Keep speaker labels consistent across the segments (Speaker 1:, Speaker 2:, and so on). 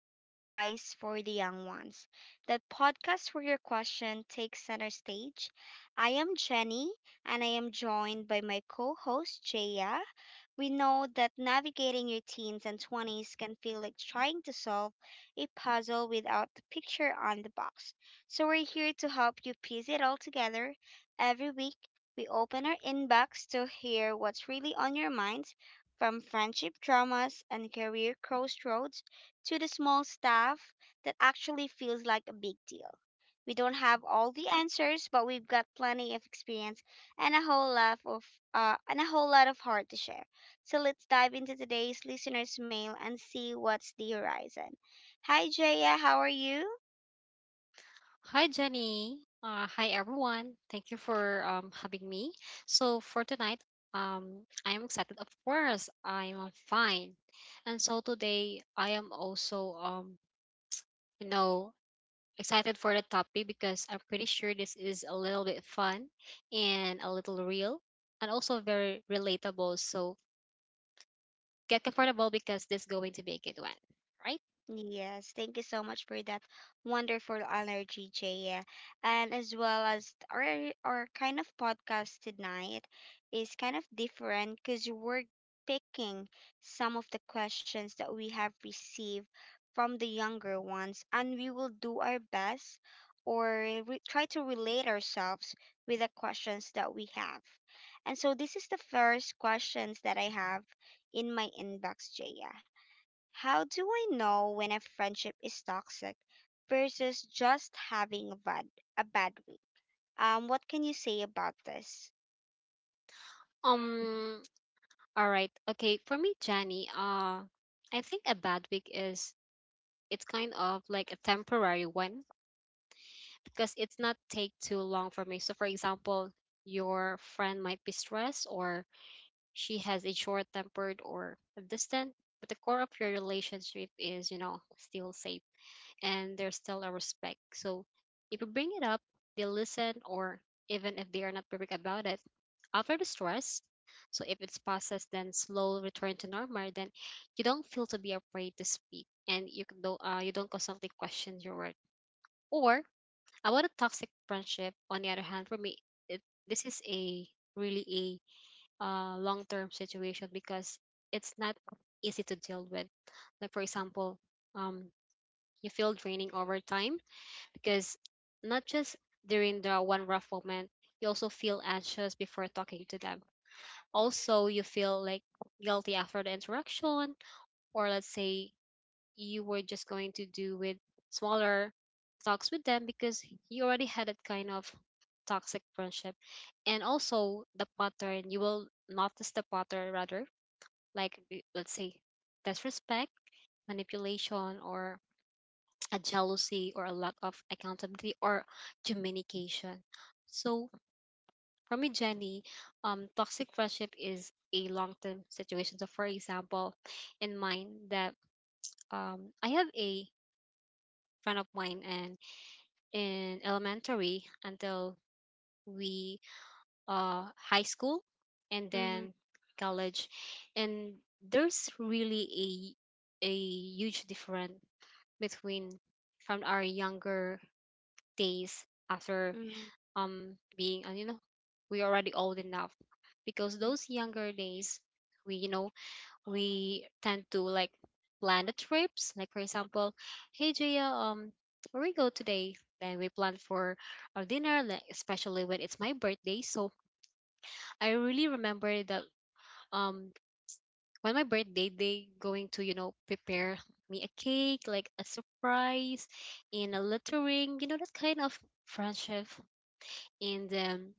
Speaker 1: to Advice for the Young Ones, the podcast where your question takes center stage. I am Jenny and I am joined by my co host Jaya. We know that navigating your teens and 20s can feel like trying to solve a puzzle without the picture on the box. So we're here to help you piece it all together. Every week, we open our inbox to hear what's really on your mind, from friendship dramas and career crossroads to the small stuff that actually feels like a big deal. We don't have all the answers, but we've got plenty of experience and a whole lot of heart to share. So let's dive into today's listeners' mail and see what's the horizon. Hi Jaya, how are you?
Speaker 2: Hi, Jenny. Hi, everyone. Thank you for having me. So, for tonight, I am excited. Of course, I am fine. And so, today, I am also, you know, excited for the topic because I'm pretty sure this is a little bit fun and a little real and also very relatable. So, get comfortable because this is going to be a good one, right?
Speaker 1: Yes, thank you so much for that wonderful energy, Jaya. And as well as our kind of podcast tonight is kind of different because we're picking some of the questions that we have received from the younger ones, and we will do our best or re try to relate ourselves with the questions that we have. And so this is the first questions that I have in my inbox, Jaya. How do I know when a friendship is toxic versus just having a bad week? What can you say about this?
Speaker 2: Um, all right. Okay, for me, Jenny, I think a bad week is it's kind of like a temporary one because it's not take too long for me. So for example, your friend might be stressed or she has a short tempered or distant, but the core of your relationship is, you know, still safe and there's still a respect. So if you bring it up, they listen, or even if they are not perfect about it. After the stress, so if it's processed, then slow return to normal, then you don't feel to be afraid to speak, and you don't constantly question your work. Or about a toxic friendship, on the other hand, for me, it, this is a really a long term situation because it's not easy to deal with. Like for example, um, you feel draining over time because not just during the one rough moment, you also feel anxious before talking to them. Also, you feel like guilty after the interaction, or let's say you were just going to do with smaller talks with them because you already had that kind of toxic friendship. And also, you will notice the pattern rather, like let's say disrespect, manipulation, or a jealousy or a lack of accountability or communication. So for me, Jenny, toxic friendship is a long-term situation. So for example, in mine that I have a friend of mine and in elementary until we high school and
Speaker 1: Mm-hmm.
Speaker 2: then college, and there's really a huge difference between from our younger days after
Speaker 1: Mm-hmm.
Speaker 2: being, and you know we already old enough because those younger days we, you know, we tend to like plan the trips. Like for example, hey Jaya, where we go today, then we plan for our dinner, like especially when it's my birthday. So I really remember that um when my birthday they going to, you know, prepare me a cake like a surprise in a lettering, you know, that kind of friendship. And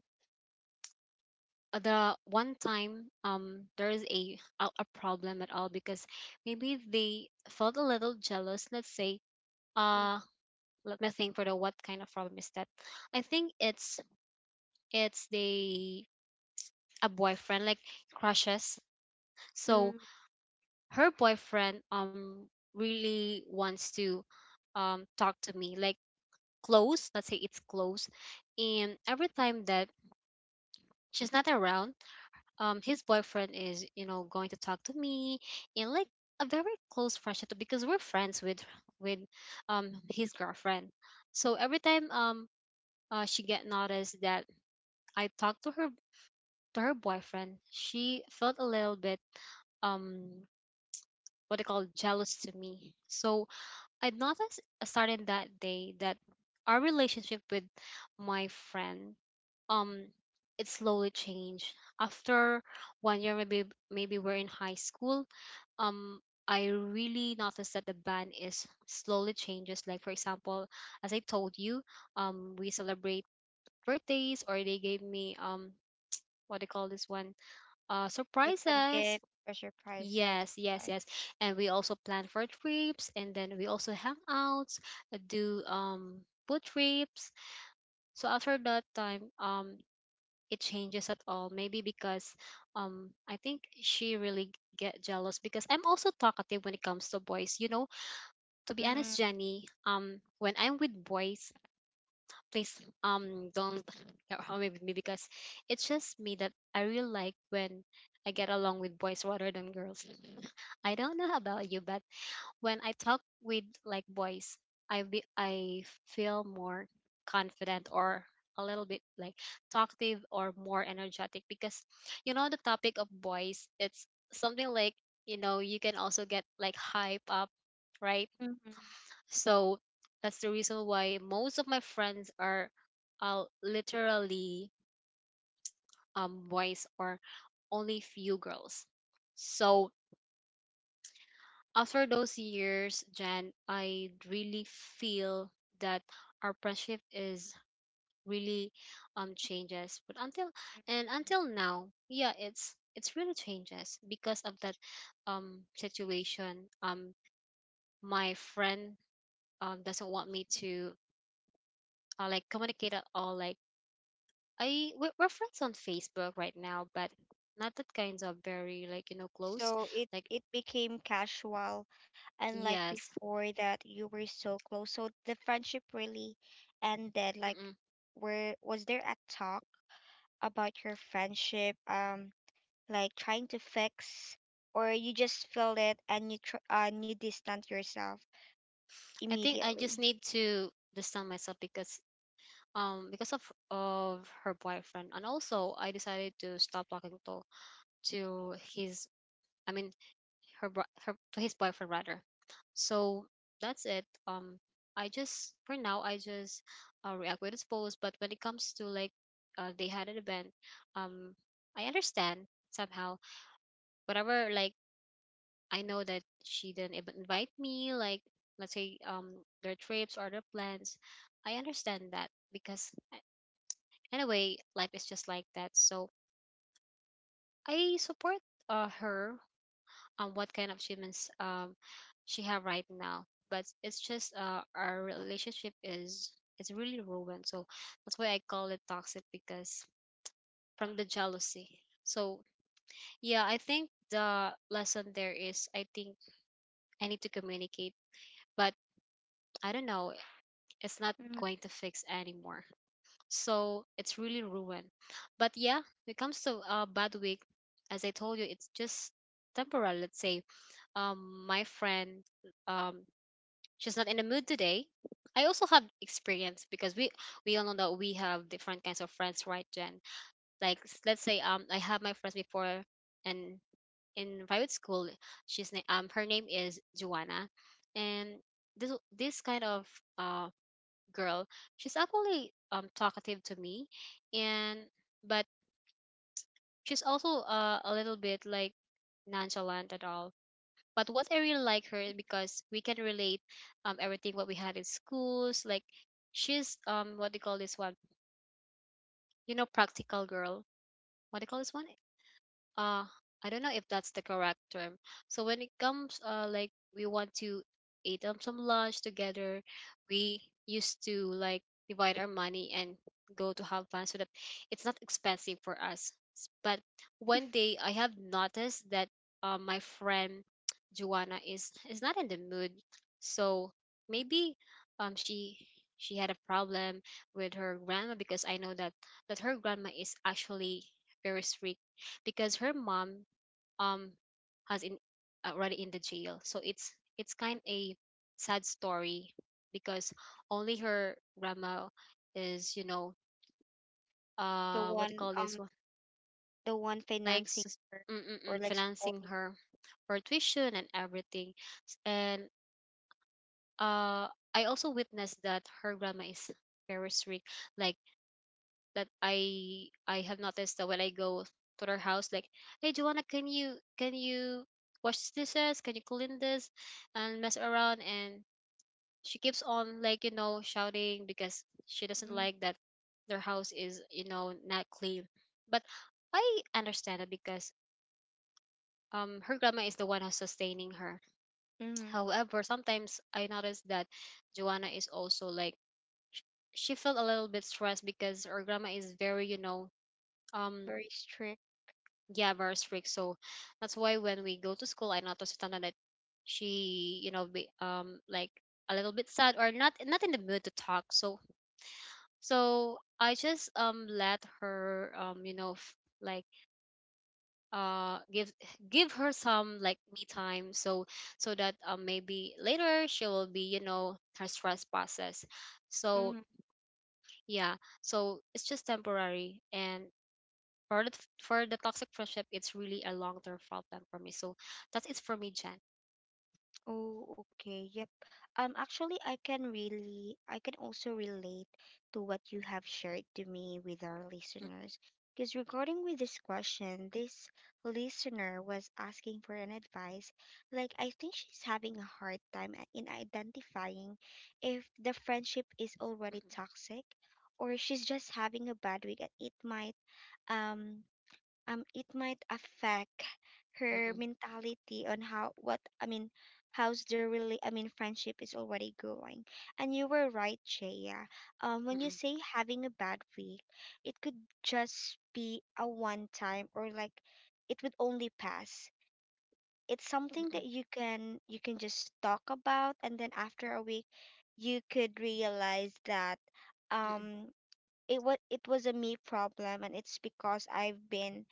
Speaker 2: the one time, there is a problem at all because maybe they felt a little jealous. Let's say,
Speaker 1: Mm-hmm.
Speaker 2: uh let me think for the what kind of problem is that. I think it's the a boyfriend like crushes. So
Speaker 1: Mm-hmm.
Speaker 2: her boyfriend really wants to talk to me like close, let's say it's close, and every time that she's not around, his boyfriend is, you know, going to talk to me in like a very close friendship because we're friends with his girlfriend. So every time she get noticed that I talked to her boyfriend, she felt a little bit um what they call jealous to me. So I noticed, starting that day, that our relationship with my friend, um it slowly changed after one year maybe. Maybe we're in high school. um I really noticed that the band is slowly changes. Like for example, as I told you, we celebrate birthdays, or they gave me what they call this one,
Speaker 1: Like some
Speaker 2: surprises.
Speaker 1: gift or surprises.
Speaker 2: Yes, yes,
Speaker 1: Right.
Speaker 2: yes. And we also plan for trips, and then we also hang out, do boat trips. So after that time, it changes at all maybe because I think she really get jealous because I'm also talkative when it comes to boys, you know. To be
Speaker 1: Mm.
Speaker 2: honest, Jenny, when I'm with boys, please don't or with me because it's just me that I really like. When I get along with boys rather than girls, I don't know about you, but when I talk with like boys, I feel more confident, or a little bit like talkative, or more energetic, because you know the topic of boys, it's something like, you know, you can also get like hype up, right?
Speaker 1: Mm-hmm.
Speaker 2: So that's the reason why most of my friends are literally boys, or only few girls. So as for those years, Jan, I really feel that our friendship is really changes. But until and until now, yeah, it's really changes because of that situation. My friend doesn't want me to, like, communicate at all. Like, I we're friends on Facebook right now, but not that kinds of very like, you know, close.
Speaker 1: So it
Speaker 2: Like
Speaker 1: it became casual, unlike
Speaker 2: yes,
Speaker 1: before that you were so close. So the friendship really ended. Like,
Speaker 2: mm-mm.
Speaker 1: where was there a talk about your friendship? Like trying to fix, or you just feel it and and you distance yourself
Speaker 2: I think I just
Speaker 1: immediately.
Speaker 2: need to understand myself because of her boyfriend, and also I decided to stop talking to his I mean her bro- her to his boyfriend rather. So that's it. I just, for now, I just react with his post, but when it comes to like, they had an event, um I understand somehow whatever. Like, I know that she didn't even invite me, like, let's say their trips or their plans. I understand that because anyway, life is just like that. So I support, her on what kind of achievements she have right now. But it's just, our relationship is really ruined. So that's why I call it toxic because from the jealousy. So yeah, I think the lesson there is I think I need to communicate, but I don't know, it's not
Speaker 1: Hmm.
Speaker 2: going to fix anymore. So it's really ruined. But yeah, when it comes to a bad week, as I told you, it's just temporal. Let's say my friend, um, she's not in the mood today. I also have experience because we all know that we have different kinds of friends, right, Jen? Like let's say I have my friends before, and in private school, her name is Joanna, and this kind of um girl. She's actually talkative to me, and but she's also, a little bit like nonchalant at all. But what I really like her is because we can relate everything what we had in schools. Like, she's what do you call this one? You know, practical girl. What do you call this one? uh I don't know if that's the correct term. So when it comes, like, we want to eat some lunch together, we used to like divide our money and go to have fun so that it's not expensive for us. But one day I have noticed that, my friend Joanna is not in the mood. So maybe um she she had a problem with her grandma because I know that that her grandma is actually very strict because her mom um has in already in the jail. So it's kind a sad story because only her grandma is, you know,
Speaker 1: The
Speaker 2: what do you
Speaker 1: one,
Speaker 2: call this
Speaker 1: um,
Speaker 2: one,
Speaker 1: the one
Speaker 2: like
Speaker 1: financing, or, or like
Speaker 2: financing
Speaker 1: supporting.
Speaker 2: her for tuition and everything. S- and uh I also witnessed that her grandma is very strict. Like, that I have noticed that when I go to their house, like, hey Joanna, can you wash these dishes? Can you clean this and mess around? And she keeps on, like, you know, shouting because she doesn't like that their house is, you know, not clean. But I understand it because her grandma is the one who's sustaining her.
Speaker 1: Mm-hmm.
Speaker 2: However, sometimes I notice that Joanna is also like sh- she felt a little bit stressed because her grandma is very, you know, um
Speaker 1: Very strict.
Speaker 2: yeah, very strict. So that's why when we go to school I noticed sometimes that she, you know, be like a little bit sad or not not in the mood to talk. So so I just let her, you know, like uh give give her some like me time, so so that maybe later she will be, you know, her stress process. So
Speaker 1: Mm-hmm.
Speaker 2: yeah, so it's just temporary. And for the, for the toxic friendship, it's really a long term problem for me. So that is for me, Jan.
Speaker 1: Oh, okay. Yep. Actually, I can really, I can also relate to what you have shared to me with our
Speaker 2: Mm,
Speaker 1: listeners. Because regarding with this question, this listener was asking for an advice. Like, I think she's having a hard time in identifying if the friendship is already
Speaker 2: mm,
Speaker 1: toxic or she's just having a bad week and um it might affect
Speaker 2: mm,
Speaker 1: her
Speaker 2: mm,
Speaker 1: mentality on how what I mean how's the really I mean friendship is already going. And you were right, Jaya. When you
Speaker 2: mm,
Speaker 1: say having a bad week, it could just be a one time, or like it would only pass. It's
Speaker 2: mm,
Speaker 1: something
Speaker 2: mm,
Speaker 1: that you can just talk about, and then after a week you could realize that
Speaker 2: mm,
Speaker 1: um it was a me problem, and it's because I've been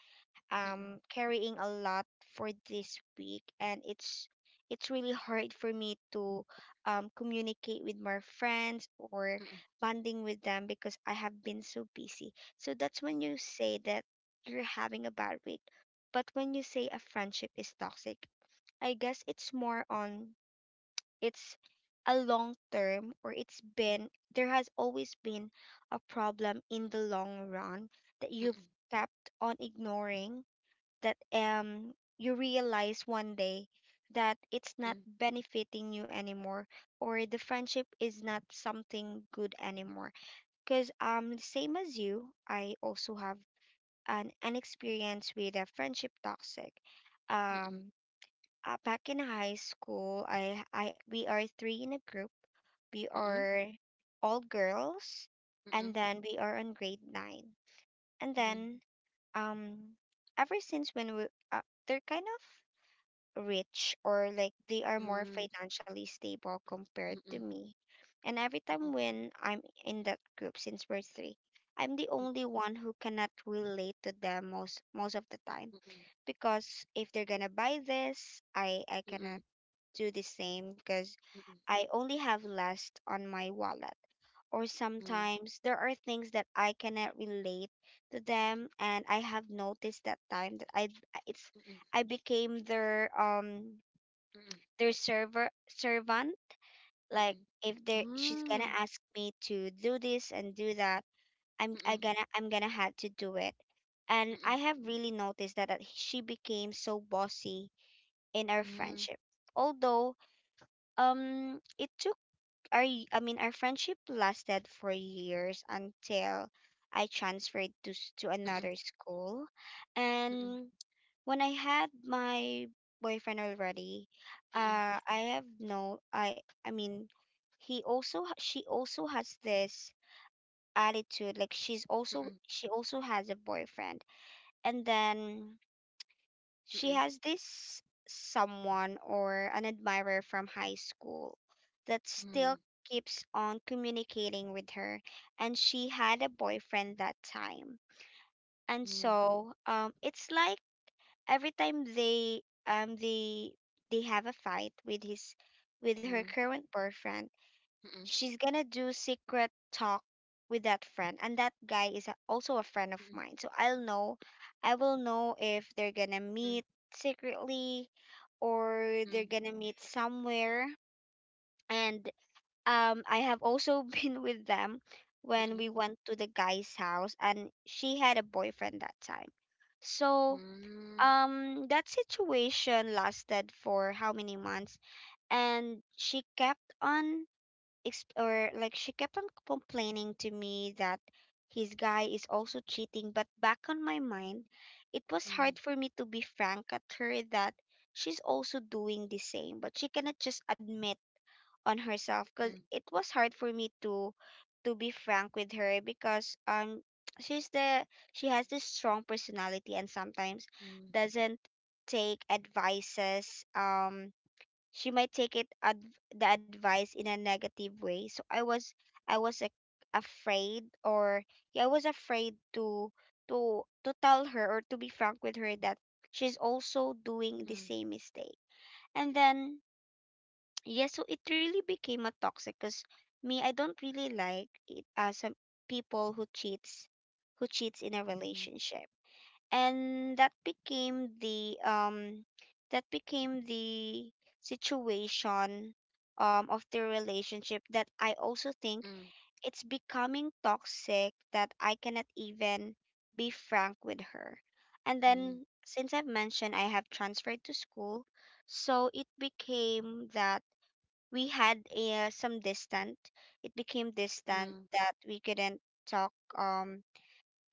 Speaker 2: mm, mm,
Speaker 1: carrying a lot for this week, and it's really hard for me to communicate with my friends, or
Speaker 2: mm, mm, mm,
Speaker 1: bonding with them because I have been so busy. So that's when you say that you're having a bad week. But when you say a friendship is toxic, I guess it's more on, it's a long term, or it's been, there has always been a problem in the long run that
Speaker 2: mm, mm, mm,
Speaker 1: you've
Speaker 2: mm, mm,
Speaker 1: kept on ignoring, that you realize one day that it's not benefiting you anymore, or the friendship is not something good anymore. Because same as you, I also have an experience with a friendship toxic. um Back in high school, I we are three in a group, we
Speaker 2: mm,
Speaker 1: are all girls, and then we are on grade 9, and then, um ever since when we uh, they're kind of rich, or like they are more financially stable compared to me. And every time when I'm in that group, since we're three, I'm the only one who cannot relate to them most of the time, because if they're gonna buy this, I cannot do the same because I only have less on my wallet. Or sometimes there are things that I cannot relate to them, and I have noticed that time that I, it's, I became their server servant. Like if they she's gonna ask me to do this and do that, I gonna I'm gonna have to do it. And I have really noticed that, that she became so bossy in our friendship, although it took our y- I mean our friendship lasted for years, until I transferred to to another school. And when I had my boyfriend already, I have no, I mean, he also, she also has this attitude, like she's also, she also has a boyfriend, and then she has this someone or an admirer from high school that still keeps on communicating with her, and she had a boyfriend that time. And
Speaker 2: mm,
Speaker 1: so, it's like every time they um they they have a fight with his, with her current boyfriend, she's gonna do secret talk with that friend, and that guy is a, also a friend of mine. So I'll know, I will know if they're gonna
Speaker 2: mm,
Speaker 1: meet secretly, or they're gonna meet somewhere. And I have also been with them when we went to the guy's house, and she had a boyfriend that time. So that situation lasted for how many months? And she kept on exp- or like she kept on complaining to me that his guy is also cheating. But back on my mind, it was
Speaker 2: mm,
Speaker 1: hard for me to be frank at her that she's also doing the same, but she cannot just admit on herself. Because
Speaker 2: mm,
Speaker 1: it was hard for me to be frank with her because she's the, she has this strong personality and sometimes
Speaker 2: Mm,
Speaker 1: doesn't take advices. She might take the advice in a negative way. So I was afraid, or yeah, I was afraid to to tell her or to be frank with her that she's also doing the
Speaker 2: mm,
Speaker 1: same mistake. And then yeah, so it really became a toxic, because me, I don't really like it as some people who cheats in a
Speaker 2: mm,
Speaker 1: relationship. And that became the situation of the relationship, that I also think
Speaker 2: mm,
Speaker 1: it's becoming toxic that I cannot even be frank with her. And
Speaker 2: mm,
Speaker 1: then since I've mentioned I have transferred to school, so it became that we had a, some distant. It became distant
Speaker 2: mm,
Speaker 1: that we couldn't talk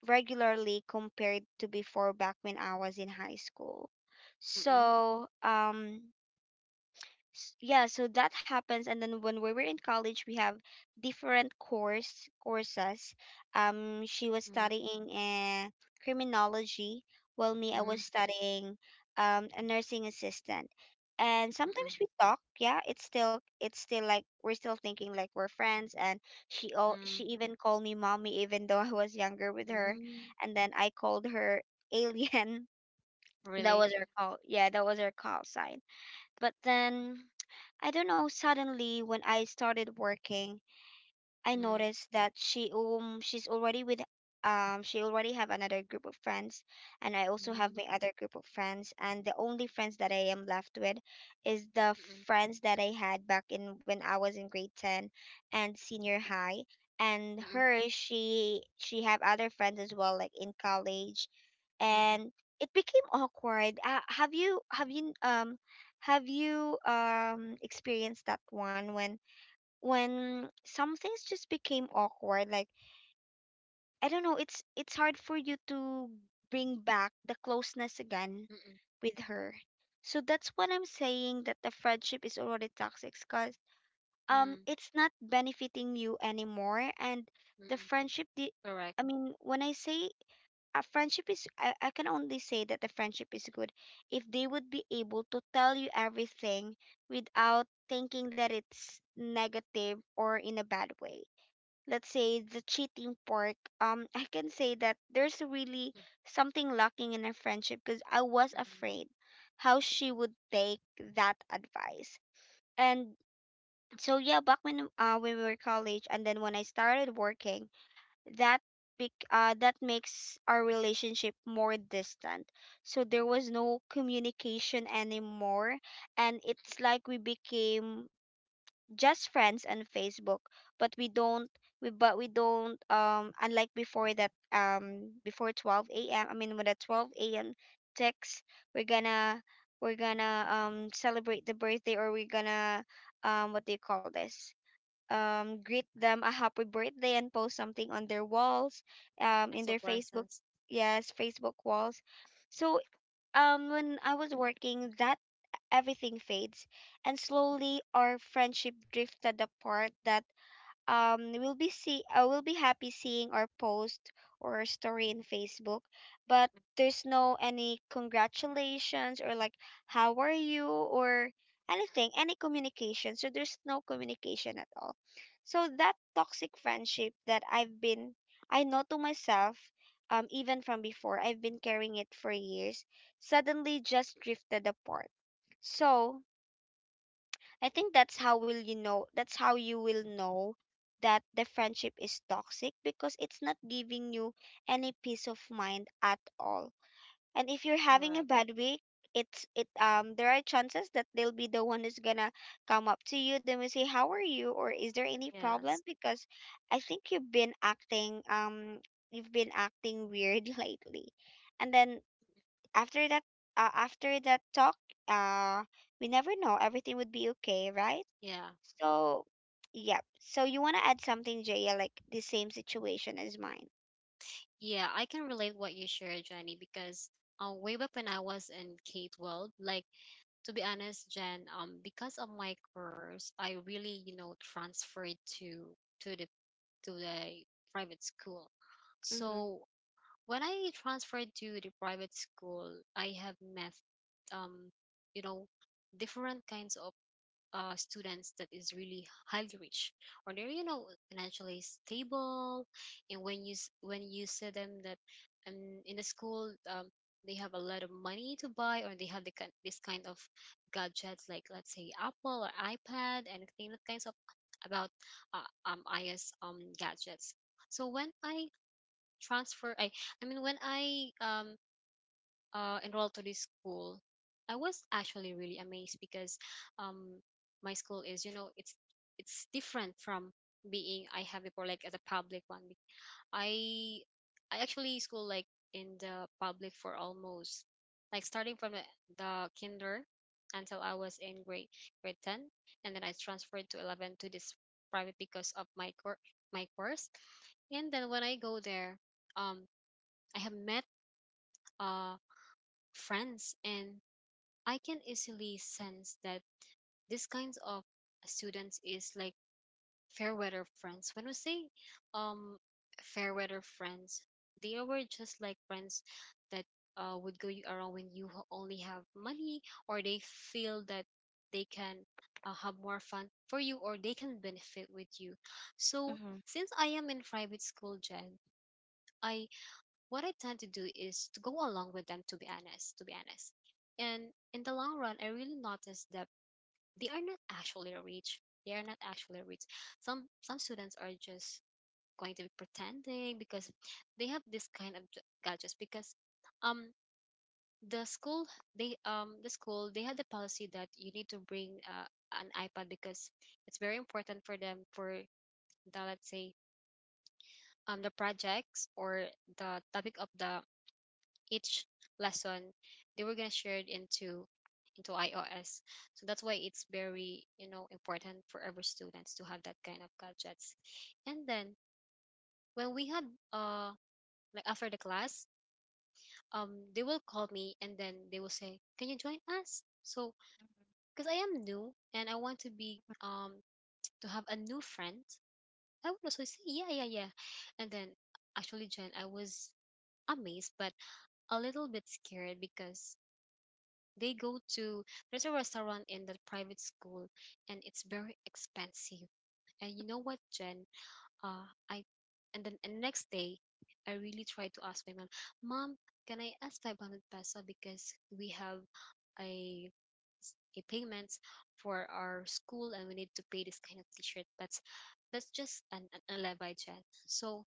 Speaker 1: regularly compared to before back when I was in high school.
Speaker 2: mm,
Speaker 1: So yeah so that happens. And then when we were in college we have different courses. She was
Speaker 2: mm,
Speaker 1: studying criminology, while me I was
Speaker 2: mm,
Speaker 1: studying a nursing assistant. And
Speaker 2: mm,
Speaker 1: sometimes we talk, yeah, it's still, it's still like we're still thinking like we're friends. And she
Speaker 2: mm,
Speaker 1: even called me mommy even though I was younger with her.
Speaker 2: mm.
Speaker 1: And then I called her alien. That
Speaker 2: Really?
Speaker 1: was her call, yeah that was her call sign. But then, I don't know, suddenly when I started working, I
Speaker 2: Mm,
Speaker 1: noticed that she, um, she's already with she already have another group of friends. And I also have
Speaker 2: mm,
Speaker 1: my other group of friends, and the only friends that I am left with is the
Speaker 2: mm,
Speaker 1: friends that I had back in when I was in grade 10 and senior
Speaker 2: mm, mm,
Speaker 1: high. And
Speaker 2: mm,
Speaker 1: her, she have other friends as well, like in college.
Speaker 2: mm,
Speaker 1: And it became awkward. Have you have you experienced that one, when some things just became awkward? Like I don't know, it's hard for you to bring back the closeness again
Speaker 2: mm,
Speaker 1: with her. So that's what I'm saying that the friendship is already toxic, because
Speaker 2: mm,
Speaker 1: it's not benefiting you anymore. And the
Speaker 2: mm.
Speaker 1: friendship the
Speaker 2: Correct.
Speaker 1: I mean when I say a friendship is, I can only say that the friendship is good if they would be able to tell you everything without thinking that it's negative or in a bad way. Let's say the cheating part, I can say that there's really
Speaker 2: Mm,
Speaker 1: something lacking in a friendship, because I was
Speaker 2: mm.
Speaker 1: afraid how she would take that advice. And so yeah, back when, uh, when we were college, and then when I started working, that that makes our relationship more distant. So there was no communication anymore, and it's like we became just friends on Facebook. But we don't, we don't, um, unlike before that before 12 a.m I mean with a 12 a.m text, we're gonna celebrate the birthday, or we're gonna what do you call this greet them a happy birthday and post something on their walls, in their Facebook,
Speaker 2: Exoprices.
Speaker 1: yes, Facebook walls. So when I was working, that everything fades, and slowly our friendship drifted apart. That will be see I will be happy seeing our post or story in Facebook, but there's no any congratulations or like how are you or anything, any communication. So there's no communication at all. So that toxic friendship that I've been I know to myself even from before I've been carrying it for years suddenly just drifted apart. So I think that's how you will know that the friendship is toxic because it's not giving you any peace of mind at all. And if you're having a
Speaker 2: Correct.
Speaker 1: bad week, it's it there are chances that they'll be the one who's gonna come up to you, then we say, "How are you? Or is there any problem?
Speaker 2: Yes.
Speaker 1: Because I think you've been acting weird" lately. And then after that after that talk uh we never know everything would be okay, right?
Speaker 2: Yeah.
Speaker 1: So yep, so you want to add something, Jaya, like the same situation as mine?
Speaker 2: Yeah. I can relate what you shared, Jenny, because way back when I was in K-12, like to be honest, Jen, because of my course, I really, transferred to to the the private school.
Speaker 1: Mm-hmm.
Speaker 2: So when I transferred to the private school, I have met, um, you know, different kinds of students that is really highly rich or they're financially stable. And when when you see them that in the school they have a lot of money to buy, or they have the, this kind of gadgets, like let's say Apple or iPad, anything that kinds of about uh, is gadgets. So when I transfer I mean when I enrolled to this school, I was actually really amazed because um, my school is, you know, it's different from being I have before, like as a public one. I I actually school like in the public for almost like starting from the kinder until I was in grade ten, and then I transferred to 11 to this private because of my course. And then when I go there, um, I have met uh friends, and I can easily sense that this kinds of students is like fair weather friends. When we say um fair weather friends, they were just like friends that would go you around when only have money, or they feel that they can have more fun for you, or they can benefit with you. So
Speaker 1: Mm-hmm.
Speaker 2: since I am in private school, Jen, I what I tend to do is to go along with them. To be honest, and in the long run, I really noticed that they are not actually rich. They are not actually rich. Some students are just going to be pretending because they have this kind of gadgets because um the school the school they had the policy that you need to bring an iPad because it's very important for them for the, let's say, the projects or the topic of the each lesson. They were gonna share it into iOS. So that's why it's very, you know, important for every students to have that kind of gadgets. And then when we had uh like after the class, they will call me and then they will say, "Can you join us?" So because I am new and I want to be to have a new friend, I would also say, "Yeah, yeah, yeah." And then actually, Jen, I was amazed but a little bit scared because they go to there's a restaurant in the private school, and it's very expensive. And you know what, Jen? Uh, I and then and next day, I really tried to ask my mom, Mom, can I ask 500 peso because we have a a payment for our school and we need to pay this kind of t-shirt, but that's just an a levy, Jen. So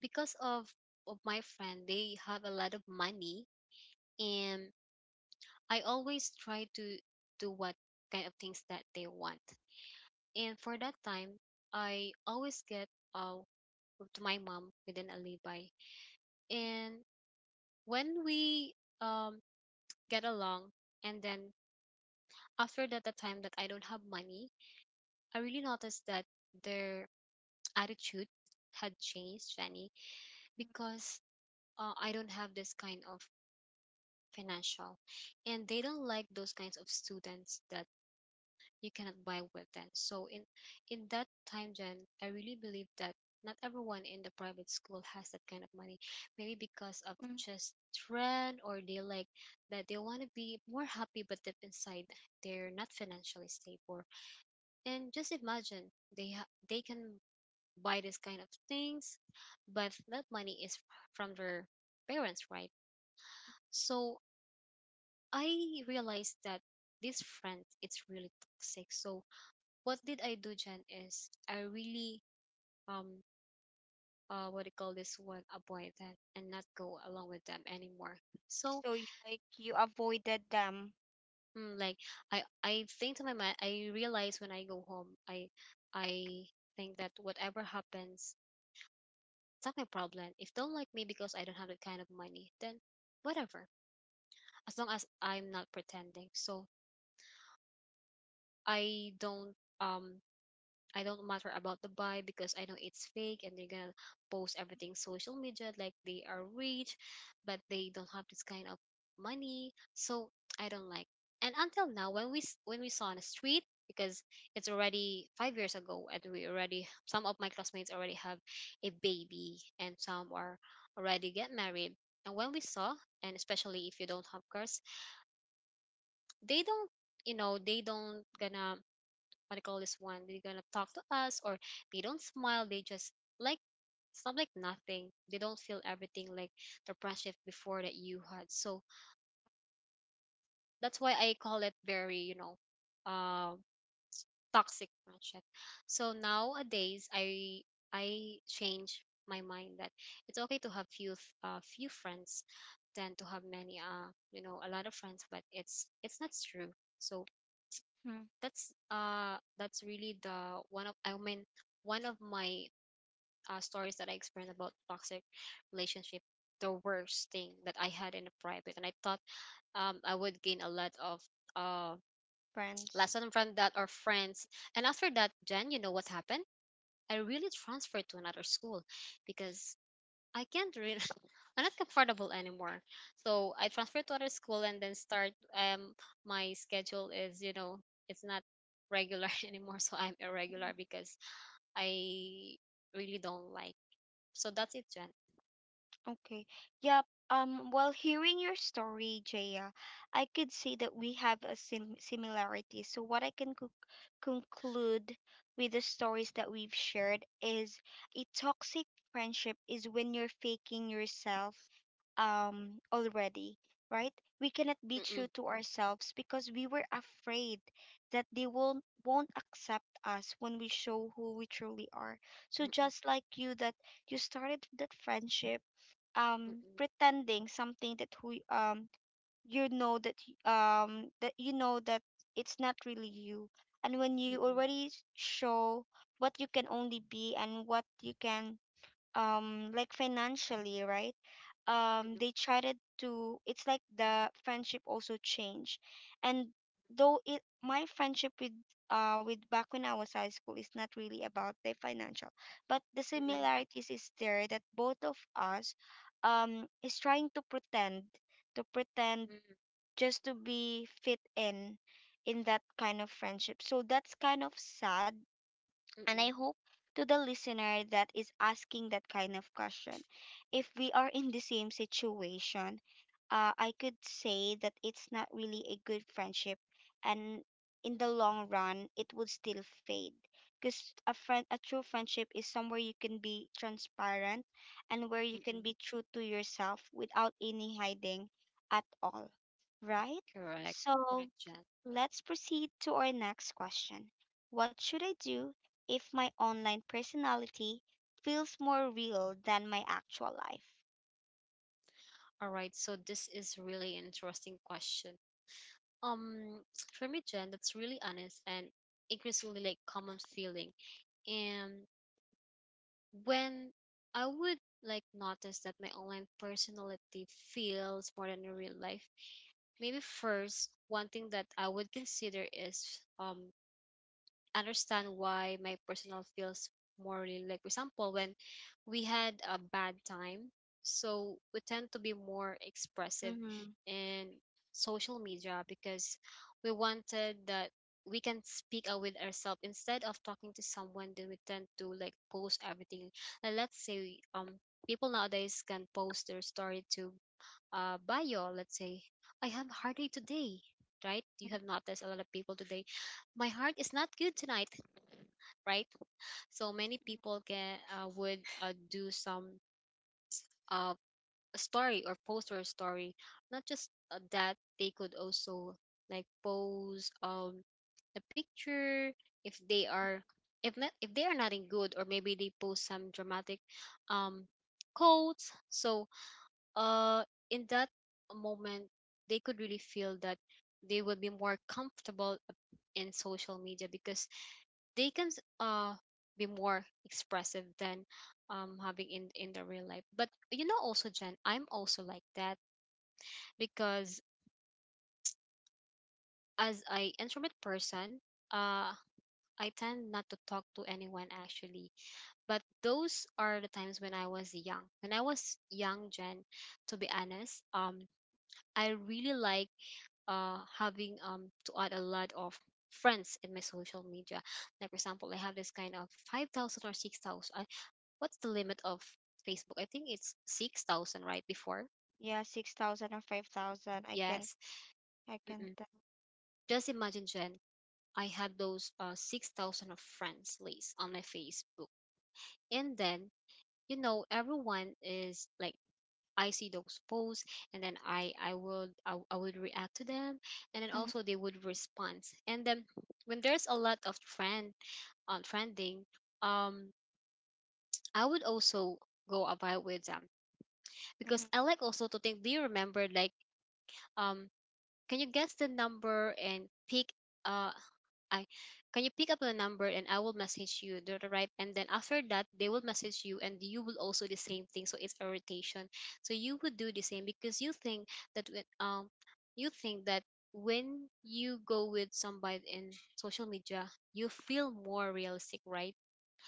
Speaker 2: because of my friend, they have a lot of money, and I always try to do what kind of things that they want. And for that time, I always get uh, to my mom with an alibi. And when we um, get along, and then after that, the time that I don't have money, I really noticed that their attitude had changed, Jenny, because I don't have this kind of financial. And they don't like those kinds of students that you cannot buy with then. So in that time, Jen, I really believe that not everyone in the private school has that kind of money. Maybe because of just trend, or they like that they want to be more happy, but deep inside they're not financially stable. And just imagine they can buy this kind of things, but that money is from their parents, right? So I realized that this friend it's really toxic. So what did I do, Jen, is I really um what do you call this one, avoid that and not go along with them anymore. So
Speaker 1: So you, like, you avoided them,
Speaker 2: like I think to my mind I realize when I go home I think that whatever happens, it's not my problem. If don't like me because I don't have that kind of money, then whatever. As long as I'm not pretending. So I don't um I don't matter about the buy because I know it's fake, and they're gonna post everything social media like they are rich, but they don't have this kind of money. So I don't like. And until now, when when we saw on the street, because it's already 5 years ago, and we already some of my classmates already have a baby, and some are already get married. And when we saw, and especially if you don't have cars, they don't, you know, they don't gonna what I call this one, they're gonna talk to us, or they don't smile, they just like it's not like nothing. They don't feel everything like the friendship before that you had. So that's why I call it very, you know, uh, toxic friendship. So nowadays, I change my mind that it's okay to have few friends than to have many you know a lot of friends, but it's not true. So
Speaker 1: hmm,
Speaker 2: that's really the one of, I mean, one of my stories that I experienced about toxic relationship, the worst thing that I had in a private, and I thought I would gain a lot of uh
Speaker 1: friends.
Speaker 2: lesson from that or friends. And after that, Jen, you know what happened, I really transferred to another school because I can't really. I'm not comfortable anymore. So I transferred to other school and then start. My schedule is, you know, it's not regular anymore, so I'm irregular because I really don't like. So that's it, Jen.
Speaker 1: Okay. Yep. While hearing your story, Jaya, I could see that we have a similarity. So what I can co conclude with the stories that we've shared is a toxic friendship is when you're faking yourself already, right? We cannot be true
Speaker 2: Mm-mm,
Speaker 1: to ourselves because we were afraid that they won't accept us when we show who we truly are. So
Speaker 2: mm-mm,
Speaker 1: just like you, that you started that friendship
Speaker 2: mm-mm,
Speaker 1: pretending something that you know that that you know that it's not really you. And when you
Speaker 2: mm-mm,
Speaker 1: already show what you can only be and what you can, like financially, right?
Speaker 2: mm-mm,
Speaker 1: They tried to, it's like the friendship also changed. And though it, my friendship with back when I was high school, is not really about the financial, but the
Speaker 2: mm-mm,
Speaker 1: similarities is there that both of us is trying to pretend to pretend,
Speaker 2: mm-mm,
Speaker 1: just to be fit in that kind of friendship. So that's kind of sad, and I
Speaker 2: mm-mm,
Speaker 1: hope to the listener that is asking that kind of question, if we are in the same situation, I could say that it's not really a good friendship, and in the long run, it would still fade. Because a friend, a true friendship is somewhere you can be transparent and where you can
Speaker 2: mm-mm.
Speaker 1: be true to yourself without any hiding at all, right?
Speaker 2: Correct,
Speaker 1: So
Speaker 2: correct, Jen.
Speaker 1: let's proceed to our next question. What should I do if my online personality feels more real than my actual life?
Speaker 2: All right. So this is really interesting question. Um, for me, Jen, that's really honest and increasingly like common feeling. And when I would like notice that my online personality feels more than in real life. Maybe first, one thing that I would consider is understand why my personal feels morally, like for example when we had a bad time, so we tend to be more expressive
Speaker 1: Mm-hmm.
Speaker 2: in social media because we wanted that we can speak out with ourselves instead of talking to someone, then we tend to like post everything, like let's say people nowadays can post their story to bio, let's say, I have heartache today, right? You have noticed a lot of people today, my heart is not good tonight, right? So many people can would do some uh story or post or story. Not just that, they could also like pose a picture if they are, if not, if they are not in good, or maybe they post some dramatic um quotes. So uh in that moment they could really feel that they will be more comfortable in social media because they can uh be more expressive than having in the real life. But you know, also, Jen, I'm also like that because as a introvert person, uh I tend not to talk to anyone actually. But those are the times when I was young, Jen, to be honest, I really like having to add a lot of friends in my social media. Like for example, I have this kind of 5,000 or 6,000. I what's the limit of Facebook? I think it's 6,000, right? Before,
Speaker 1: Yeah, 6,000 or 5,000.
Speaker 2: yes.
Speaker 1: I can
Speaker 2: Mm-mm.
Speaker 1: tell.
Speaker 2: Just imagine, Jen. I had those 6,000 of friends list on my Facebook, and then you know everyone is like I see those posts, and then I would react to them, and then
Speaker 1: Mhm,
Speaker 2: also they would respond. And then when there's a lot of friend, trending, um, I would also go about with them because
Speaker 1: mhm,
Speaker 2: I like also to think. Do you remember, like, um, can you guess the number and pick uh I can you pick up the number, and I will message you the right, and then after that they will message you, and you will also the same thing, so it's a rotation. So you would do the same because you think that you think that when you go with somebody in social media, you feel more realistic, right?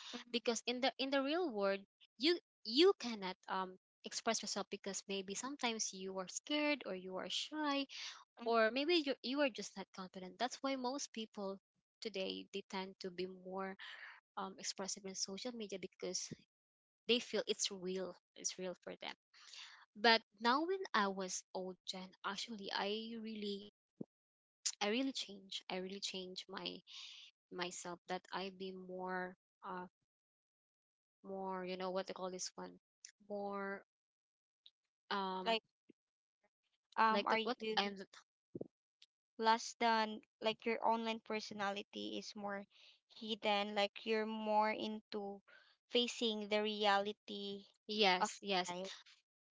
Speaker 1: mhm,
Speaker 2: Because in the real world, you you cannot express yourself because maybe sometimes you are scared or you are shy.
Speaker 1: mhm.
Speaker 2: Or maybe you are just not confident. That's why most people today, they tend to be more expressive in social media because they feel it's real, it's real for them. But now, when I was old, and actually I really change my myself that I be more uh more, you know, what they call this one, more um
Speaker 1: Like,
Speaker 2: like
Speaker 1: are
Speaker 2: that,
Speaker 1: you
Speaker 2: what I'm.
Speaker 1: less than, like your online personality is more hidden, like you're more into facing the reality of
Speaker 2: Yes, yes,
Speaker 1: life.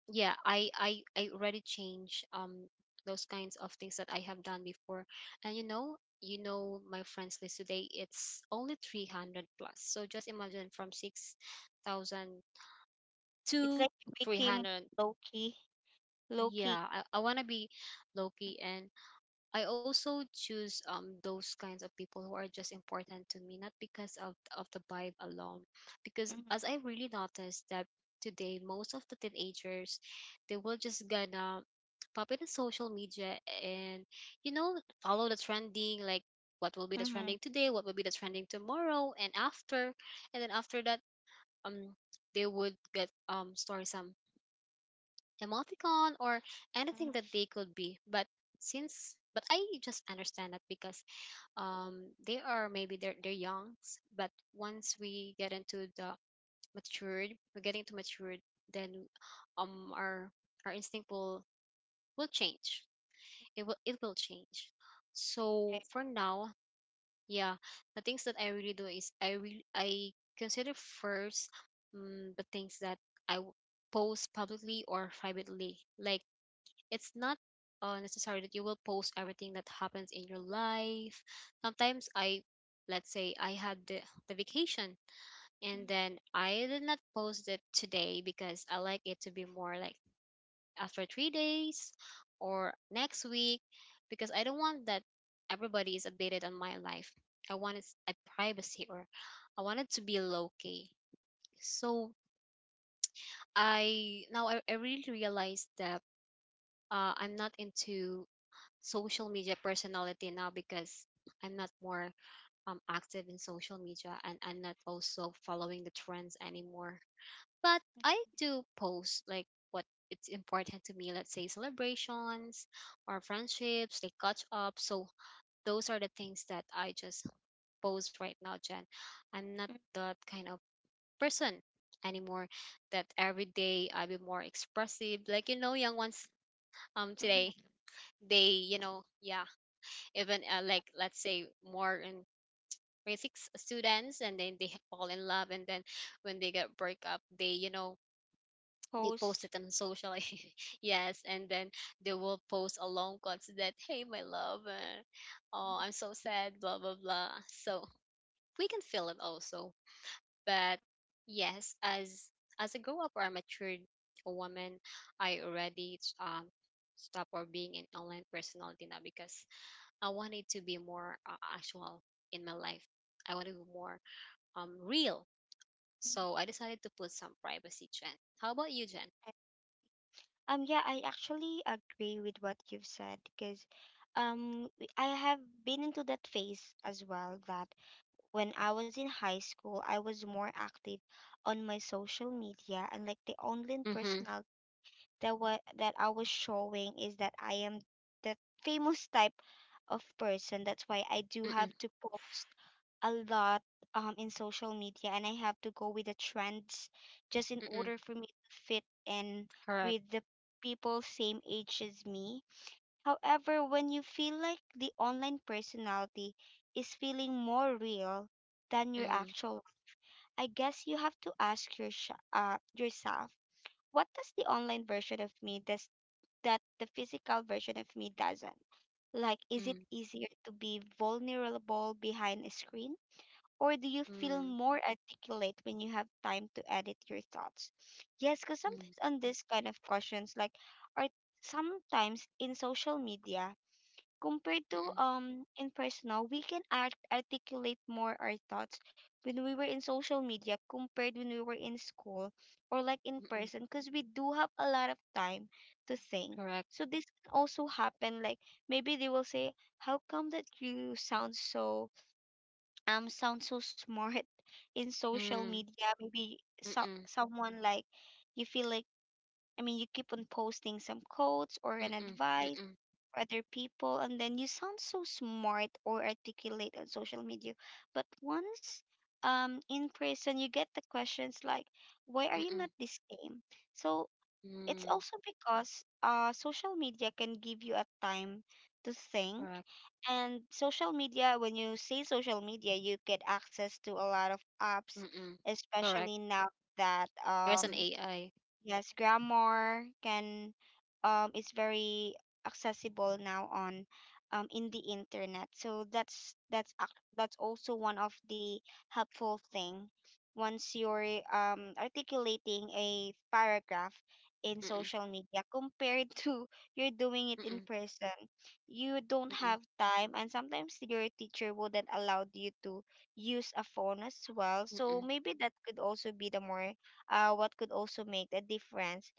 Speaker 2: yeah, I already change those kinds of things that I have done before. And my friends list today, it's only 300 plus. So just imagine, from 6,000
Speaker 1: It's
Speaker 2: to
Speaker 1: like you became
Speaker 2: 300.
Speaker 1: low key. Low key,
Speaker 2: Yeah, I want to be low key, and I also choose those kinds of people who are just important to me, not because of the vibe alone, because
Speaker 1: mhm,
Speaker 2: as I really noticed that today, most of the teenagers, they will just gonna pop in the social media, and you know follow the trending, like what will be the
Speaker 1: mhm,
Speaker 2: trending today, what will be the trending tomorrow and after, and then after that, um they would get, store some emoticon or anything that
Speaker 1: mhm,
Speaker 2: they could be. But since but I just understand that, because they are, maybe they're young but once we get into the matured, we're getting to matured, then um our our instinct will change, it will change. So
Speaker 1: right,
Speaker 2: for now, yeah, the things that I really do is, I consider first, the things that I post publicly or privately, like it's not necessary that you will post everything that happens in your life. Sometimes I, let's say, I had the vacation,
Speaker 1: mhm,
Speaker 2: and then I did not post it today because I like it to be more like after 3 days or next week, because I don't want that everybody is updated on my life. I wanted a privacy, or I wanted to be low key. So I really realized that I'm not into social media personality now, because I'm not more active in social media, and I'm not also following the trends anymore. But I do post like what it's important to me, let's say celebrations or friendships, like catch up. So those are the things that I just post right now, Jen. I'm not
Speaker 1: mhm,
Speaker 2: that kind of person anymore, that every day I be more expressive. Like, you know, young ones
Speaker 1: mhm,
Speaker 2: today, they, yeah, even like let's say more in basic students, and then they fall in love, and then when they get break up, they you know they post
Speaker 1: post.
Speaker 2: it on social. Yes, and then they will post a long quotes that, "Hey, my love, oh,
Speaker 1: Mhm,
Speaker 2: I'm so sad, blah blah blah." So we can feel it also, but yes, as I grow up or I matured, a woman, I already stop or being an online personality now, because I want it to be more actual in my life. I want it to be more real.
Speaker 1: mhm,
Speaker 2: So I decided to put some privacy, Jen. How about you, Jen?
Speaker 1: right. Yeah, I actually agree with what you've said because I have been into that phase as well, that when I was in high school, I was more active on my social media, and like the online
Speaker 2: Mm-hmm.
Speaker 1: personal that I was showing is that I am the famous type of person. That's why I do
Speaker 2: Mm-mm.
Speaker 1: have to post a lot in social media, and I have to go with the trends just in
Speaker 2: Mm-mm.
Speaker 1: order for me to fit in
Speaker 2: Correct.
Speaker 1: with the people same age as me. However, when you feel like the online personality is feeling more real than your
Speaker 2: Mm.
Speaker 1: actual, I guess you have to ask your yourself, what does the online version of me does that the physical version of me doesn't? Like, is it
Speaker 2: Mm.
Speaker 1: easier to be vulnerable behind a screen? Or do you feel
Speaker 2: Mm.
Speaker 1: more articulate when you have time to edit your thoughts? Yes, because
Speaker 2: Mm.
Speaker 1: sometimes on this kind of questions, like, are sometimes in social media compared to
Speaker 2: Mm.
Speaker 1: in personal, we can articulate more our thoughts when we were in social media compared when we were in school or like in
Speaker 2: Mm.
Speaker 1: person, because we do have a lot of time to think.
Speaker 2: Correct.
Speaker 1: So this can also happen. Like maybe they will say, "How come that you sound so?" Sound so smart in social
Speaker 2: Mm.
Speaker 1: media, maybe so,
Speaker 2: Mm.
Speaker 1: someone like you feel like, I mean, you keep on posting some quotes or an
Speaker 2: Mm.
Speaker 1: advice
Speaker 2: Mm.
Speaker 1: for other people, and then you sound so smart or articulate on social media, but once in person you get the questions like, why are you
Speaker 2: Mm.
Speaker 1: not this game? So it's
Speaker 2: Mm.
Speaker 1: also because social media can give you a time to think.
Speaker 2: Correct.
Speaker 1: And social media, when you say social media, you get access to a lot of apps,
Speaker 2: Mm. Correct.
Speaker 1: especially now that
Speaker 2: There's an AI.
Speaker 1: yes, grammar can is very accessible now on in the internet. So that's that's also one of the helpful thing. Once you're articulating a paragraph in
Speaker 2: Mm.
Speaker 1: social media compared to you're doing it in
Speaker 2: Mm.
Speaker 1: person, you don't
Speaker 2: Mm. Mm.
Speaker 1: have time, and sometimes your teacher wouldn't allow you to use a phone as well. So
Speaker 2: Mm.
Speaker 1: maybe that could also be the more what could also make a difference?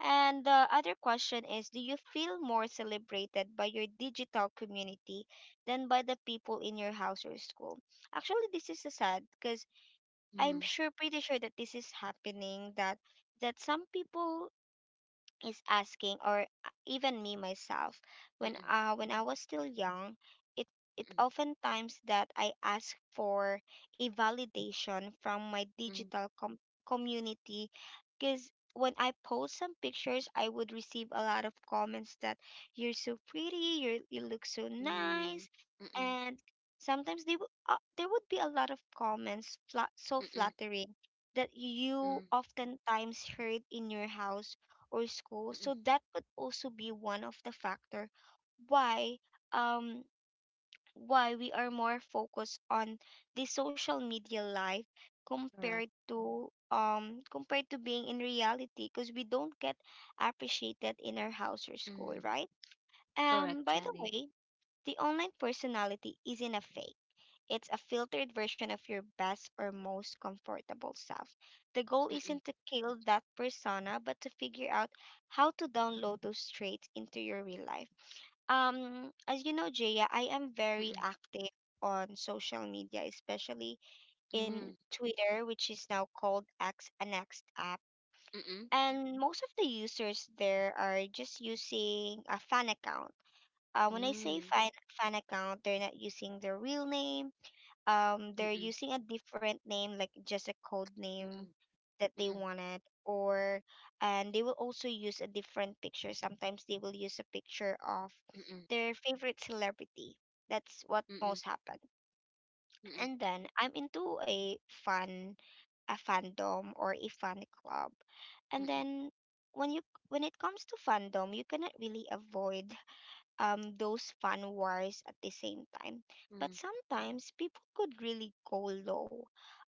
Speaker 1: And the other question is, do you feel more celebrated by your digital community than by the people in your house or school? Actually, this is so sad because
Speaker 2: Mm.
Speaker 1: I'm
Speaker 2: Mm.
Speaker 1: sure, pretty sure that this is happening, that that some people is asking, or even me myself,
Speaker 2: Mm.
Speaker 1: when I was still young, it it oftentimes that I ask for a validation from my
Speaker 2: Mm.
Speaker 1: digital community, because when I post some pictures, I would receive a lot of comments that, you're so pretty, you look so nice.
Speaker 2: Mm. Mm.
Speaker 1: And sometimes there would be a lot of comments, so
Speaker 2: Mm. Mm.
Speaker 1: flattering, that you oftentimes heard in your house or school.
Speaker 2: Mm-mm.
Speaker 1: So that could also be one of the factor why um why we are more focused on the social media life
Speaker 2: Correct.
Speaker 1: compared to compared to being in reality, because we don't get appreciated in our house or school,
Speaker 2: Mm.
Speaker 1: right?
Speaker 2: Correct,
Speaker 1: By the
Speaker 2: Jenny.
Speaker 1: way, the online personality isn't a fake. It's a filtered version of your best or most comfortable self. The goal
Speaker 2: Mm-mm,
Speaker 1: isn't to kill that persona, but to figure out how to download those traits into your real life. As you know, Jaya, I am very
Speaker 2: mm-mm,
Speaker 1: active on social media, especially in
Speaker 2: mm,
Speaker 1: Twitter, which is now called X and X app.
Speaker 2: mm-mm,
Speaker 1: And most of the users there are just using a fan account. When I say
Speaker 2: mm,
Speaker 1: fan account, they're not using their real name, they're
Speaker 2: mm-mm,
Speaker 1: using a different name, like just a code
Speaker 2: mm-mm, mm-mm,
Speaker 1: name that they wanted. Or, and they will also use a different picture. Sometimes they will use a picture of
Speaker 2: mm-mm, mm-mm, mm-mm,
Speaker 1: their favorite celebrity. That's what
Speaker 2: mm-mm, mm, mm-mm,
Speaker 1: most happen.
Speaker 2: mm-mm, mm-mm, mm-mm, mm-mm, mm-mm, mm-mm, mm-mm,
Speaker 1: And then I'm into a fan, a fandom or a fan club. And
Speaker 2: mm,
Speaker 1: then when you, when it comes to fandom, you cannot really avoid those fun wars at the same time. But
Speaker 2: mm-mm,
Speaker 1: sometimes people could really go low.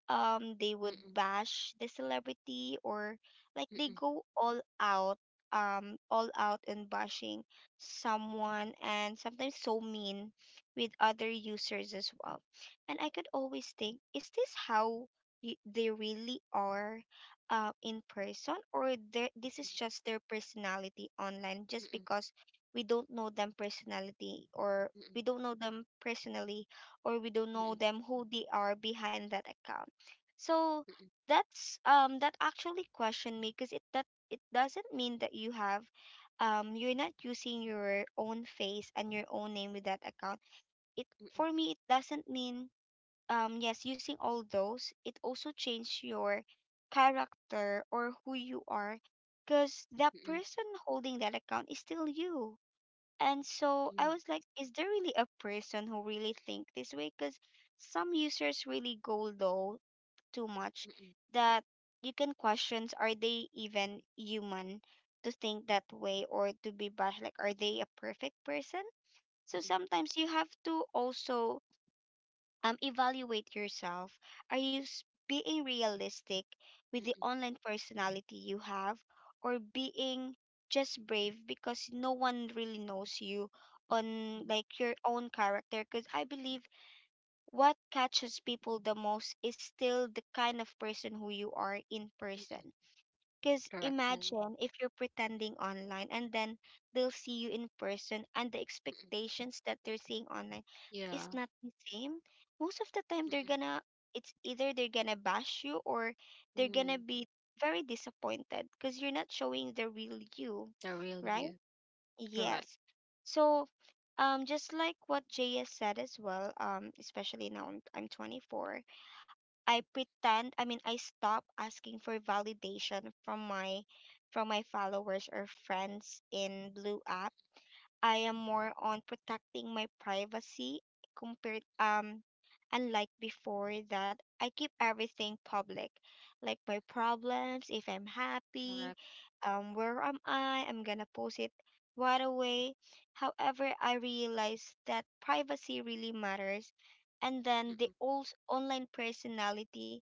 Speaker 1: They would bash the celebrity, or like they go all out and bashing someone, and sometimes so mean with other users as well. And I could always think, is this how they really are in person, or this is just their personality online, just
Speaker 2: mm-mm,
Speaker 1: because we don't know them personality, or
Speaker 2: mm-mm,
Speaker 1: we don't know them personally, or we don't
Speaker 2: mm,
Speaker 1: know
Speaker 2: mm-mm.
Speaker 1: them who they are behind that account. So that's that actually questioned me, because it doesn't mean that you have, you're not using your own face and your own name with that account, it, for me, it doesn't mean, yes, using all those, it also change your character or who you are, because the person holding that account is still you. And so I was like, is there really a person who really think this way? Because some users really go low too much that you can question, are they even human to think that way or to be bad? Like, are they a perfect person? So sometimes you have to also evaluate yourself. Are you being realistic with the online personality you have, or being just brave because no one really knows you on, like, your own character? Because I believe what catches people the most is still the kind of person who you are in person. Because
Speaker 2: Correct, Jen.
Speaker 1: imagine if you're pretending online and then they'll see you in person, and the
Speaker 2: Mm-mm.
Speaker 1: expectations that they're seeing online
Speaker 2: Yeah.
Speaker 1: is not the same. Most of the time they're
Speaker 2: Mm-mm.
Speaker 1: gonna, it's either they're gonna bash you or they're gonna
Speaker 2: Mm.
Speaker 1: be very disappointed because you're not showing the real you,
Speaker 2: The real
Speaker 1: right?
Speaker 2: you. Correct.
Speaker 1: Yes. So just like what JS said as well, especially now I'm 24. I mean, I stop asking for validation from my followers or friends in blue app. I am more on protecting my privacy compared unlike before, that I keep everything public, like my problems, if I'm happy,
Speaker 2: Correct.
Speaker 1: where am I? I'm gonna post it right away. However, I realized that privacy really matters. And then the
Speaker 2: Mm-mm.
Speaker 1: old online personality,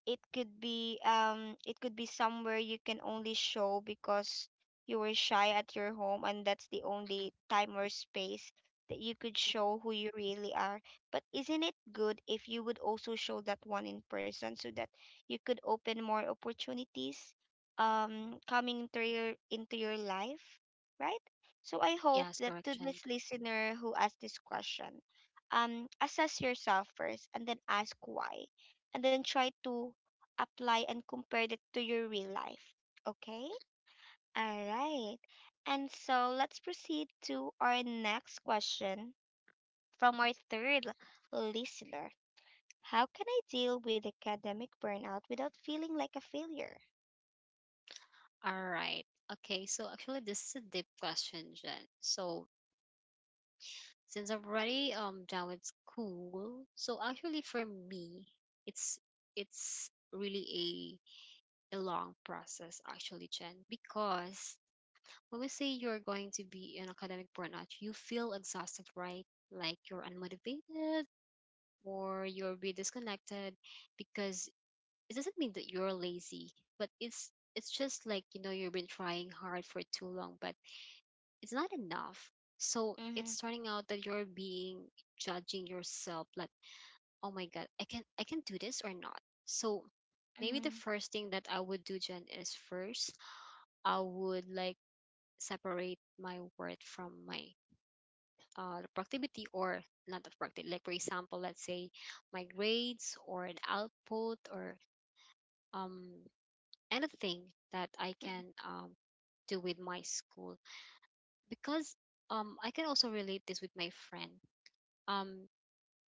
Speaker 1: it could be somewhere you can only show because you were shy at your home, and that's the
Speaker 2: Mm-mm.
Speaker 1: only time or space that you could
Speaker 2: Mm.
Speaker 1: show who you really are. But isn't it good if you would also show that one in person so that you could open more opportunities coming into your life, right? So I hope
Speaker 2: Yes,
Speaker 1: that
Speaker 2: correct,
Speaker 1: to
Speaker 2: Jen.
Speaker 1: this listener who asked this question, assess yourself first and then ask why, and then try to apply and compare it to your real life, okay? All right. And so let's proceed to our next question from our third listener. How can I deal with academic burnout without feeling like a failure?
Speaker 2: All right. Okay, so actually this is a deep question, Jen. So since I'm already done with school. So actually for me, it's it's really a long process actually, Chen, because when we say you're going to be in academic burnout, you feel exhausted, right? Like you're unmotivated, or you'll be disconnected, because it doesn't mean that you're lazy, but it's just like, you've been trying hard for too long, but it's not enough. So
Speaker 1: Mm-hmm.
Speaker 2: it's turning out that you're being judging yourself like, "Oh my God, I can do this or not." So maybe
Speaker 1: Mm-hmm.
Speaker 2: the first thing that I would do, Jen, is first I would like separate my worth from my productivity, or not the productivity. Like for example, let's say my grades or an output or um anything that I can do with my school, because I can also relate this with my friend. um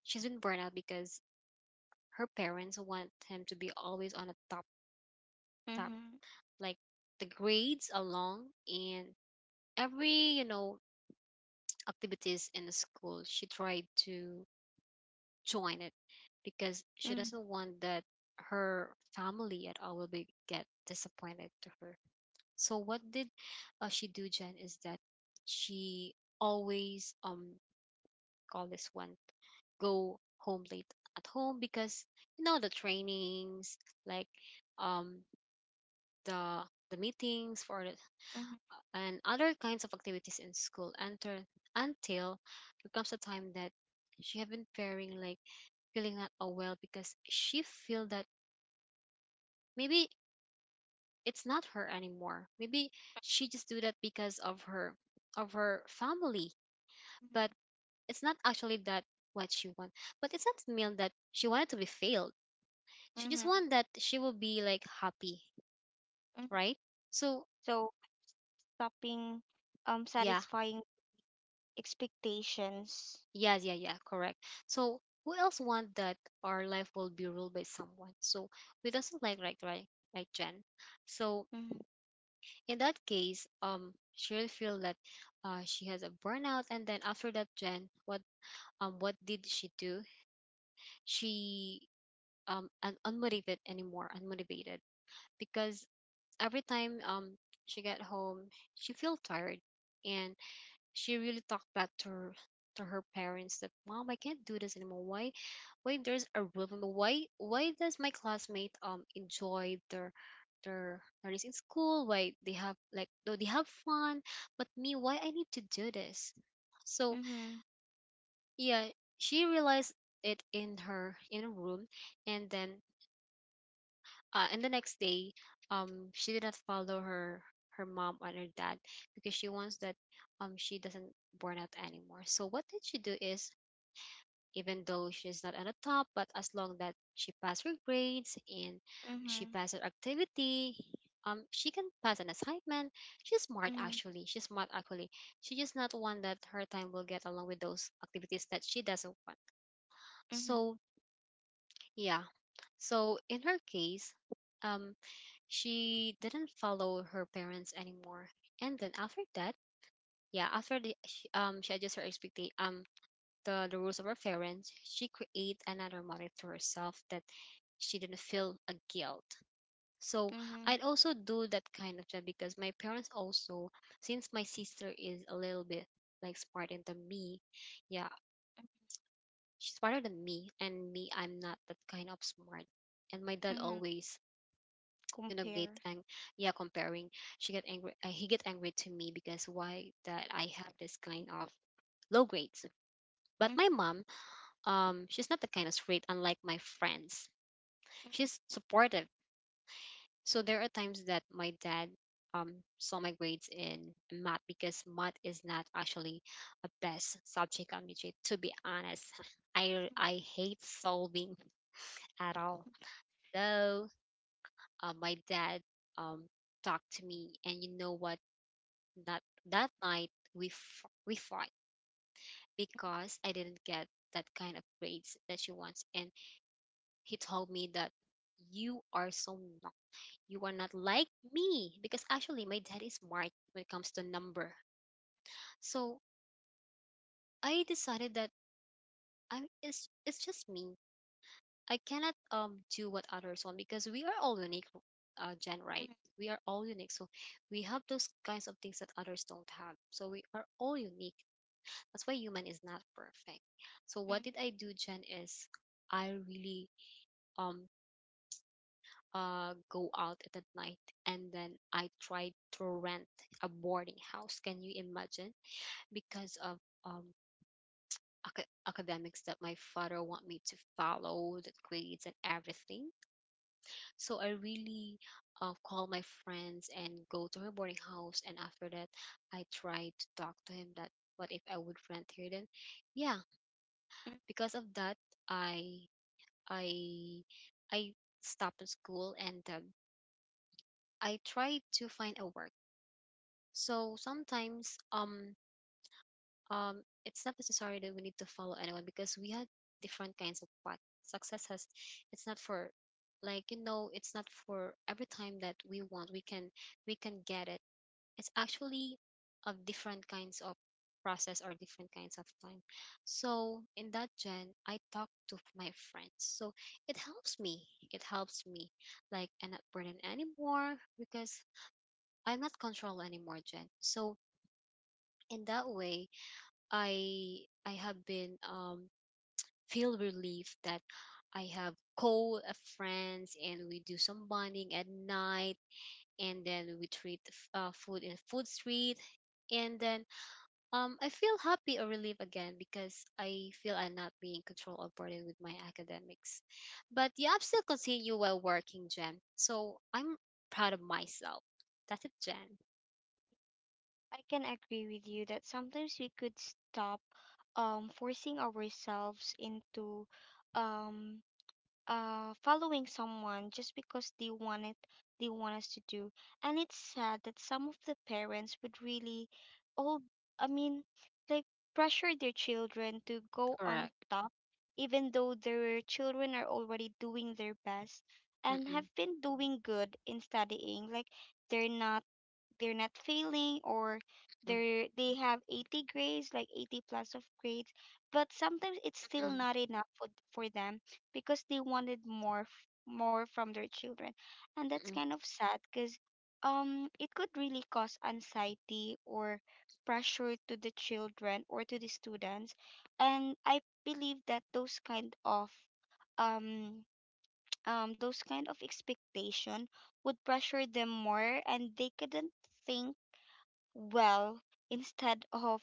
Speaker 2: she's been burned out because her parents want him to be always on a top top
Speaker 1: Mm-hmm.
Speaker 2: like the grades along, and every, you know, activities in the school, she tried to join it because she
Speaker 1: Mm-hmm.
Speaker 2: doesn't want that her family at all will be get disappointed to her. So what did she do, Jen, is that she always call this one, go home late at home, because the trainings, like um the the meetings for the,
Speaker 1: Mm-hmm.
Speaker 2: and other kinds of activities in school. Until there comes a time that she have been faring like feeling not all well, because she feel that, maybe it's not her anymore, maybe she just do that because of her family, but it's not actually that what she want, but it's not mean that she wanted to be failed. She just
Speaker 1: Mm-hmm.
Speaker 2: want that she will be like happy,
Speaker 1: Hmm.
Speaker 2: right? So
Speaker 1: So stopping
Speaker 2: yeah,
Speaker 1: satisfying expectations.
Speaker 2: yeah, yeah, yeah, correct. So who else want that our life will be ruled by someone? So we doesn't like, right, right, right, Jen. So
Speaker 1: Mm-hmm.
Speaker 2: in that case, she'll feel that she has a burnout, and then after that, Jen, what did she do? She unmotivated anymore, unmotivated, because every time she get home, she feel tired, and she really talked back to her parents that, "Mom, I can't do this anymore. Why there's a rhythm? Why does my classmate enjoy their learnings in school? Why they have like, though they have fun, but me, why I need to do this?" So,
Speaker 1: Mm-hmm.
Speaker 2: yeah, she realized it in a room. and then and the next day, she did not follow her mom and her dad, because she wants that she doesn't burn out anymore. So what did she do is, even though she's not on the top, but as long that she passed her grades and she
Speaker 1: Mm-hmm.
Speaker 2: passed her activity, she can pass an assignment. She's smart
Speaker 1: Mm-hmm.
Speaker 2: actually. She's smart actually. She just not want that her time will get along with those activities that she doesn't want.
Speaker 1: Mm-hmm.
Speaker 2: So yeah. So in her case, um she didn't follow her parents anymore. And then after that, yeah, after she adjusts her expectation, the rules of her parents, she create another motive to herself that she didn't feel a guilt. So
Speaker 1: Mm-hmm.
Speaker 2: I'd also do that kind of job, because my parents also, since my sister is a little bit like smarter than me, yeah, she's smarter than me, and me I'm not that kind of smart. And my dad
Speaker 1: Mm-hmm.
Speaker 2: always, get
Speaker 1: Compare.
Speaker 2: ang yeah, comparing, she get angry, he get angry to me because, why that I have this kind of low grades? But my
Speaker 1: Mm-hmm.
Speaker 2: mom, she's not the kind of straight unlike my friends, she's supportive. So there are times that my dad saw my grades in math, because math is not actually a best subject on me, to be honest. I hate solving at all. So my dad um talked to me, and you know what? That night we fought because I didn't get that kind of grades that she wants, and he told me that, you are so not you are not like me," because actually my dad is smart when it comes to number. So I decided that, I it's just me. I cannot do what others want because we are all unique, Jen, right?
Speaker 1: Mm-hmm.
Speaker 2: We are all unique, so we have those kinds of things that others don't have. So we are all unique. That's why human is not perfect. So what
Speaker 1: Mm-hmm.
Speaker 2: did I do, Jen, is I really um go out at the night, and then I tried to rent a boarding house. Can you imagine? Because of um academics that my father want me to follow, the grades and everything. So I really call my friends and go to her boarding house, and after that I tried to talk to him that, "What if I would rent here then?" Yeah, because of that, I I I stopped school, and I tried to find a work. So sometimes, it's not necessary that we need to follow anyone because we had different kinds of path. Success has, it's not for, like, it's not for every time that we want, we can get it. It's actually of different kinds of process or different kinds of time. So in that gen, I talk to my friends. So it helps me. It helps me. Like I'm not burdened anymore because I'm not controlled anymore, Jen. So in that way, I I have been feel relief that I have co friends and we do some bonding at night and then we treat food in food street and then I feel happy or relieved again because I feel I'm not being controlled or burdened with my academics. But yeah, I'm still continue while working, Jen. So I'm proud of myself. That's it, Jen.
Speaker 1: I can agree with you that sometimes we could stop forcing ourselves into um, following someone just because they want it, they want us to do. And it's sad that some of the parents would really, all, I mean, like pressure their children to go on
Speaker 2: Correct.
Speaker 1: top, even though their children are already doing their best and
Speaker 2: Mm-mm,
Speaker 1: have been doing good in studying. Like, they're not, they're not failing, or
Speaker 2: mm,
Speaker 1: they're, they have 80 grades, like 80 plus of grades, but sometimes it's still
Speaker 2: mm-mm,
Speaker 1: not enough for them, because they wanted more more from their children. And that's
Speaker 2: mm-mm,
Speaker 1: kind of sad because it could really cause anxiety or pressure to the children or to the students. And I believe that those kind of um those kind of expectation would pressure them more, and they couldn't think well, instead of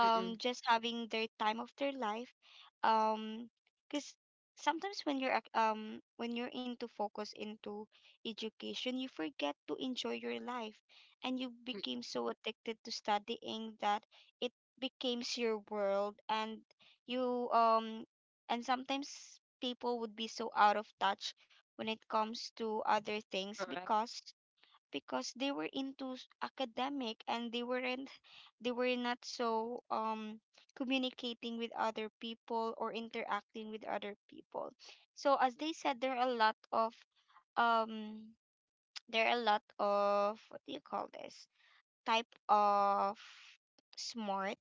Speaker 2: mm-mm,
Speaker 1: just having their time of their life, um because sometimes when you're when you're into focus into education, you forget to enjoy your life, and you
Speaker 2: mm.
Speaker 1: became so addicted to studying that it becomes your world. And you and sometimes people would be so out of touch when it comes to other things,
Speaker 2: Correct.
Speaker 1: because they were into academic, and they weren't they were not so communicating with other people or interacting with other people. So as they said, there are a lot of um there are a lot of, what do you call this, type of smart.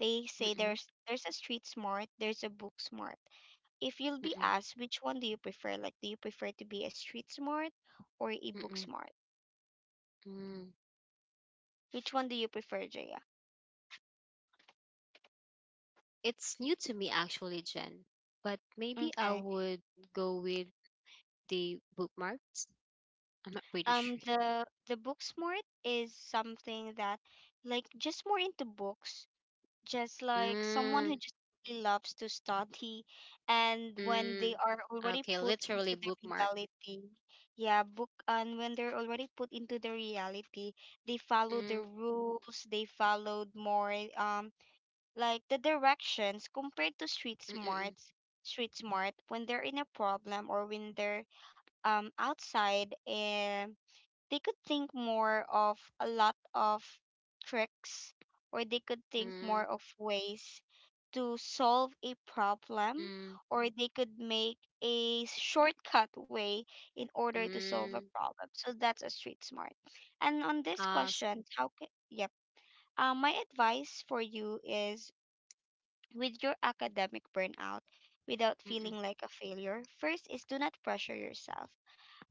Speaker 1: They say
Speaker 2: Mm-mm,
Speaker 1: there's a street smart, there's a book smart. If you'll be
Speaker 2: mm-mm,
Speaker 1: asked, which one do you prefer? Like, do you prefer to be a street smart or a book
Speaker 2: mm-mm,
Speaker 1: smart?
Speaker 2: mm.
Speaker 1: Which one do you prefer, Jaya?
Speaker 2: It's new to me actually, Jen. But maybe I
Speaker 1: Okay.
Speaker 2: would go with the bookmarks. I'm not pretty sure.
Speaker 1: The book smart is something that like, just more into books. Just like someone who
Speaker 2: Mm,
Speaker 1: just really loves to study, and when they
Speaker 2: mm.
Speaker 1: are already
Speaker 2: Okay,
Speaker 1: put
Speaker 2: literally
Speaker 1: into the
Speaker 2: bookmark.
Speaker 1: reality. Yeah, book, and when they're already put into the reality, they follow the
Speaker 2: Mm,
Speaker 1: rules, they followed more um like the directions, compared to street
Speaker 2: mm, mm,
Speaker 1: smarts. Street smart, when they're in a problem, or when they're outside eh, they could think more of a lot of tricks, or they could think more
Speaker 2: mm,
Speaker 1: of ways to solve a problem,
Speaker 2: mm,
Speaker 1: or they could make a shortcut way in order to solve a
Speaker 2: mm,
Speaker 1: problem. So that's a street smart. And on this
Speaker 2: uh, s-
Speaker 1: question, how can, yep, my advice for you is, with your academic burnout without
Speaker 2: mm, mm,
Speaker 1: feeling like a failure, first is, do not pressure yourself.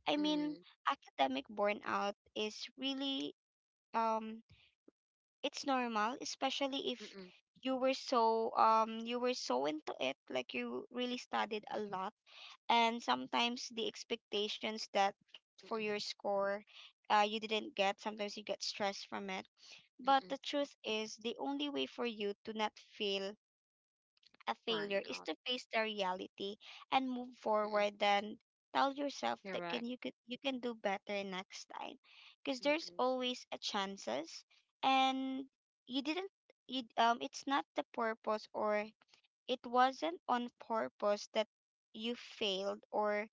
Speaker 1: I mean,
Speaker 2: mm,
Speaker 1: academic burnout is really um it's normal, especially
Speaker 2: mm,
Speaker 1: if
Speaker 2: mm,
Speaker 1: you were so you were so into it, like you really studied a lot. And sometimes the expectations that for
Speaker 2: mm,
Speaker 1: your score, you didn't get, sometimes you get stressed from it.
Speaker 2: mm,
Speaker 1: But
Speaker 2: mm,
Speaker 1: the truth is, the only way for you to not feel a failure is
Speaker 2: burnout.
Speaker 1: to face the reality and move
Speaker 2: Mm, mm,
Speaker 1: forward, and tell yourself that can
Speaker 2: correct.
Speaker 1: you, can you can do better next time, because
Speaker 2: Mm,
Speaker 1: there's
Speaker 2: mm,
Speaker 1: always a chances. And you didn't, it's not the purpose, or it wasn't on purpose that you failed, or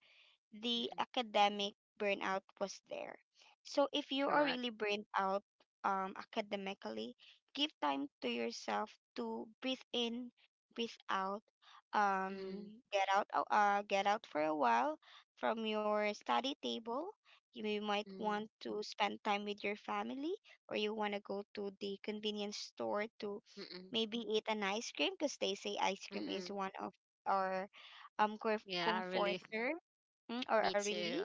Speaker 2: mm,
Speaker 1: the
Speaker 2: mm,
Speaker 1: academic burnout was there. So if you are
Speaker 2: correct.
Speaker 1: really burned out academically, give time to yourself to breathe in, breathe out,
Speaker 2: Mm,
Speaker 1: get out, get out for a while from your study table. You might
Speaker 2: mm,
Speaker 1: want to spend time with your family, or you want to go to the convenience store to
Speaker 2: mm, mm,
Speaker 1: maybe eat an ice cream, because they say ice
Speaker 2: mm,
Speaker 1: cream is
Speaker 2: mm.
Speaker 1: one of our
Speaker 2: Yeah, really.
Speaker 1: comforter, mm, or
Speaker 2: Me
Speaker 1: a relief.
Speaker 2: too.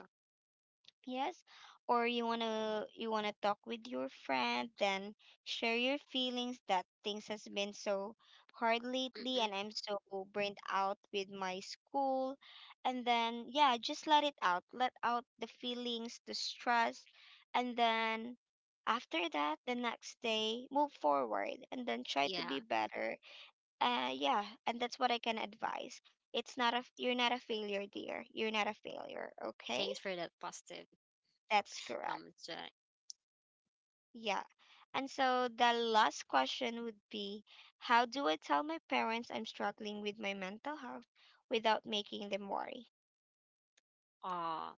Speaker 1: Yes. Or you want to, you want to talk with your friend, then share your feelings that things has been so hard
Speaker 2: Mm,
Speaker 1: lately,
Speaker 2: mm,
Speaker 1: and I'm so burnt out with my school. And then yeah, just let it out, let out the feelings, the stress. And then after that, the next day, move forward, and then try to be
Speaker 2: yeah.
Speaker 1: better. Yeah, and that's what I can advise. It's not a you're not a failure, dear. You're not a failure, okay?
Speaker 2: Thanks for that positive
Speaker 1: That's correct.
Speaker 2: comment, Jack.
Speaker 1: Yeah. And so the last question would be, how do I tell my parents I'm struggling with my mental health without making them worry?
Speaker 2: Ah,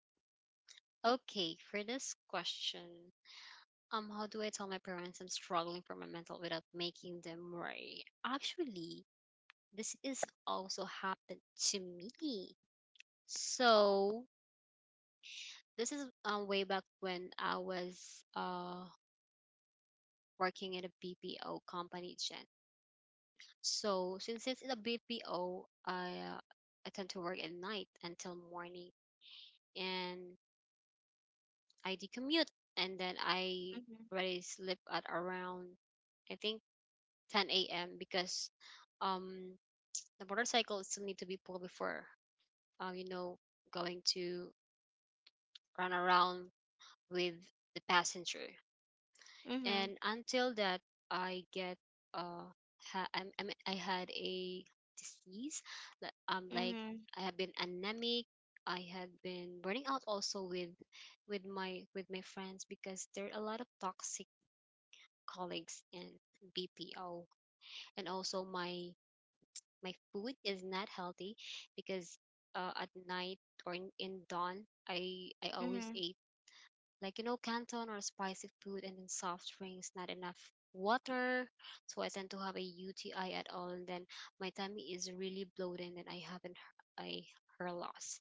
Speaker 2: okay. For this question, how do I tell my parents I'm struggling for my mental without making them worry? Actually, this is also happened to me. So this is way back when I was uh working in a BPO company, Jen. So since it's in a BPO, I tend to work at night until morning, and I decommute, and then I
Speaker 1: Mhm.
Speaker 2: already sleep at around I think 10 a.m. because um the motorcycle still need to be pulled before you know going to run around with the passenger.
Speaker 1: Mhm.
Speaker 2: And until that, I get uh, I had a disease. Like
Speaker 1: Mhm.
Speaker 2: I have been anemic. I had been burning out also with with my friends because there are a lot of toxic colleagues in BPO, and also my food is not healthy because at night or in dawn I always
Speaker 1: Mhm.
Speaker 2: ate like you know canton or spicy food and then soft drinks not enough water, so I tend to have a UTI at all, and then my tummy is really bloated and I haven't h- I her loss.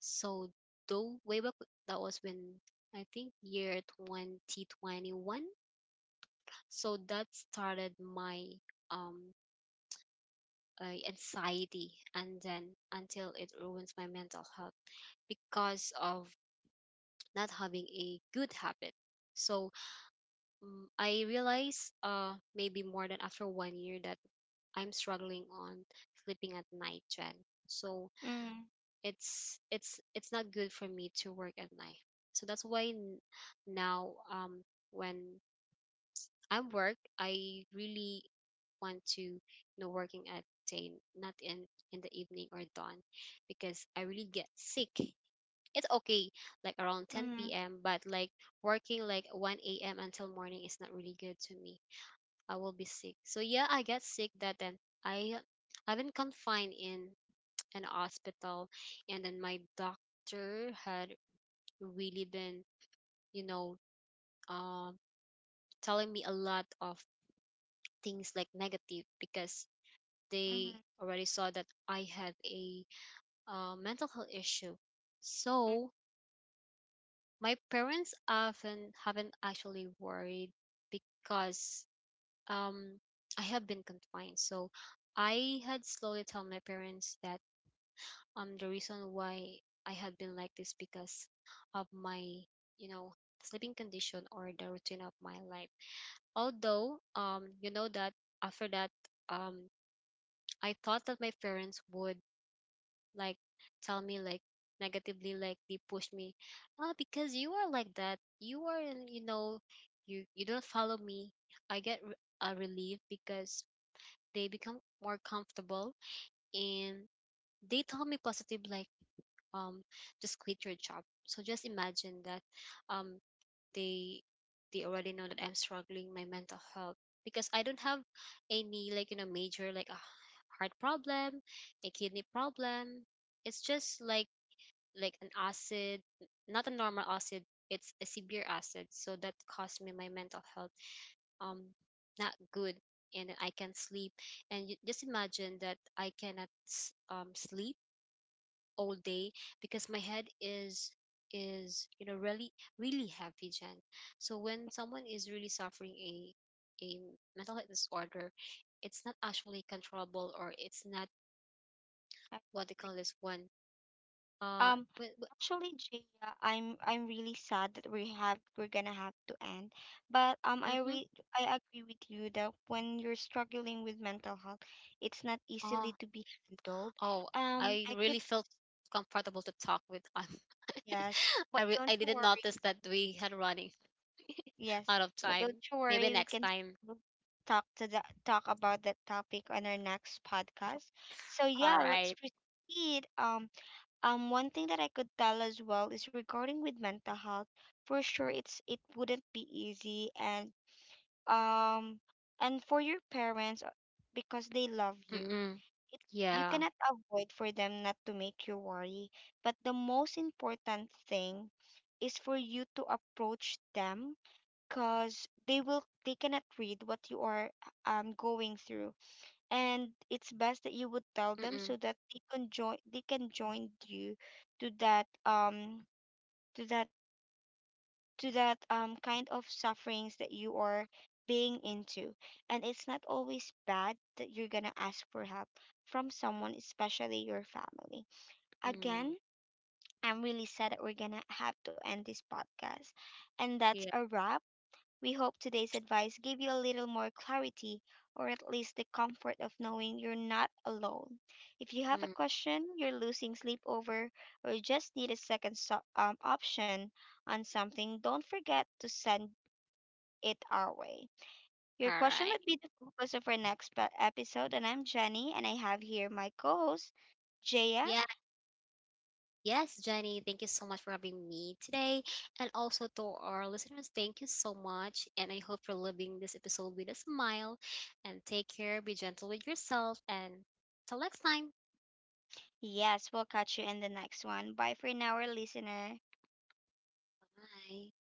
Speaker 2: So though way back, that was when I think year 2021. So that started my um anxiety and then until it ruins my mental health because of not having a good habit. So I realize, maybe more than after one year that I'm struggling on sleeping at night, Jen. So
Speaker 1: Mhm.
Speaker 2: it's not good for me to work at night. So that's why now, when I work, I really want to, you know, working at day, not in the evening or dawn, because I really get sick. It's okay, like around
Speaker 1: Mhm.
Speaker 2: 10 p.m., but like working like 1 a.m. until morning is not really good to me. I will be sick. So yeah, I get sick that then I I've been confined in an hospital, and then my doctor had really been, you know, um telling me a lot of things like negative because
Speaker 1: Mhm.
Speaker 2: they already saw that I have a mental health issue.
Speaker 1: Mhm.
Speaker 2: So my parents often haven't actually worried because um I have been confined. So I had slowly tell my parents that the reason why I had been like this because of my, you know, sleeping condition or the routine of my life. Although, you know that after that, um, I thought that my parents would like tell me like negatively, like they push me, ah, because you are like that. You are, you know, you don't follow me. I get a relief because they become more comfortable and they tell me positive like um just quit your job. So just imagine that um they they already know that I'm struggling my mental health because I don't have any like you know major like a heart problem, a kidney problem. It's just like an acid, not a normal acid. It's a severe acid, so that caused me my mental health um not good, and then I can not sleep. And you, just imagine that I cannot sleep all day because my head is you know really really heavy, Jen. So when someone is really suffering a mental health disorder, it's not actually controllable or it's not
Speaker 1: I
Speaker 2: what they
Speaker 1: agree.
Speaker 2: call this one. uh
Speaker 1: Um
Speaker 2: wi- wi-
Speaker 1: Actually Jaya, I'm really sad that we have, we're gonna have to end. But
Speaker 2: mhm.
Speaker 1: I agree with you that when you're struggling with mental health, it's not easily
Speaker 2: Oh,
Speaker 1: to be handled.
Speaker 2: oh, I
Speaker 1: I
Speaker 2: really
Speaker 1: could.
Speaker 2: felt comfortable to talk with
Speaker 1: Yes, but
Speaker 2: i re-
Speaker 1: don't
Speaker 2: i
Speaker 1: you
Speaker 2: didn't
Speaker 1: worry.
Speaker 2: notice that we had running
Speaker 1: Yes,
Speaker 2: out of
Speaker 1: but
Speaker 2: time.
Speaker 1: don't you worry.
Speaker 2: Maybe
Speaker 1: We
Speaker 2: next
Speaker 1: can
Speaker 2: time.
Speaker 1: still talk to that, talk about that topic on our next podcast. So
Speaker 2: All
Speaker 1: yeah, let's
Speaker 2: right.
Speaker 1: proceed. One thing that I could tell as well is regarding with mental health. For sure, it's it wouldn't be easy, um, and for your parents, because they love you,
Speaker 2: Mm-mm.
Speaker 1: it- you
Speaker 2: Yeah.
Speaker 1: cannot avoid for them not to make you worry. But the most important thing is for you to approach them, because they will, they cannot read what you are going through. And it's best that you would tell them
Speaker 2: Mm-mm.
Speaker 1: so that they can join, they can join you to that to that to that kind of sufferings that you are being into. And it's not always bad that you're gonna ask for help from someone, especially your family.
Speaker 2: Mm.
Speaker 1: Again, I'm really sad that we're gonna have to end this podcast. And that's
Speaker 2: Yeah.
Speaker 1: a wrap. We hope today's advice gave you a little more clarity, or at least the comfort of knowing you're not alone. If you have a
Speaker 2: Mm,
Speaker 1: question you're losing sleep over, or you just need a second option on something, don't forget to send it our way.
Speaker 2: all
Speaker 1: Your question
Speaker 2: right.
Speaker 1: would be the focus of our next episode. And I'm Jenny, and I have here my co host, Jaya.
Speaker 2: Yeah. Yes, Jenny, thank you so much for having me today. And also to our listeners, thank you so much. And I hope you're living this episode with a smile. And take care, be gentle with yourself. And till next time.
Speaker 1: Yes, we'll catch you in the next one. Bye for now, our listener.
Speaker 2: Bye.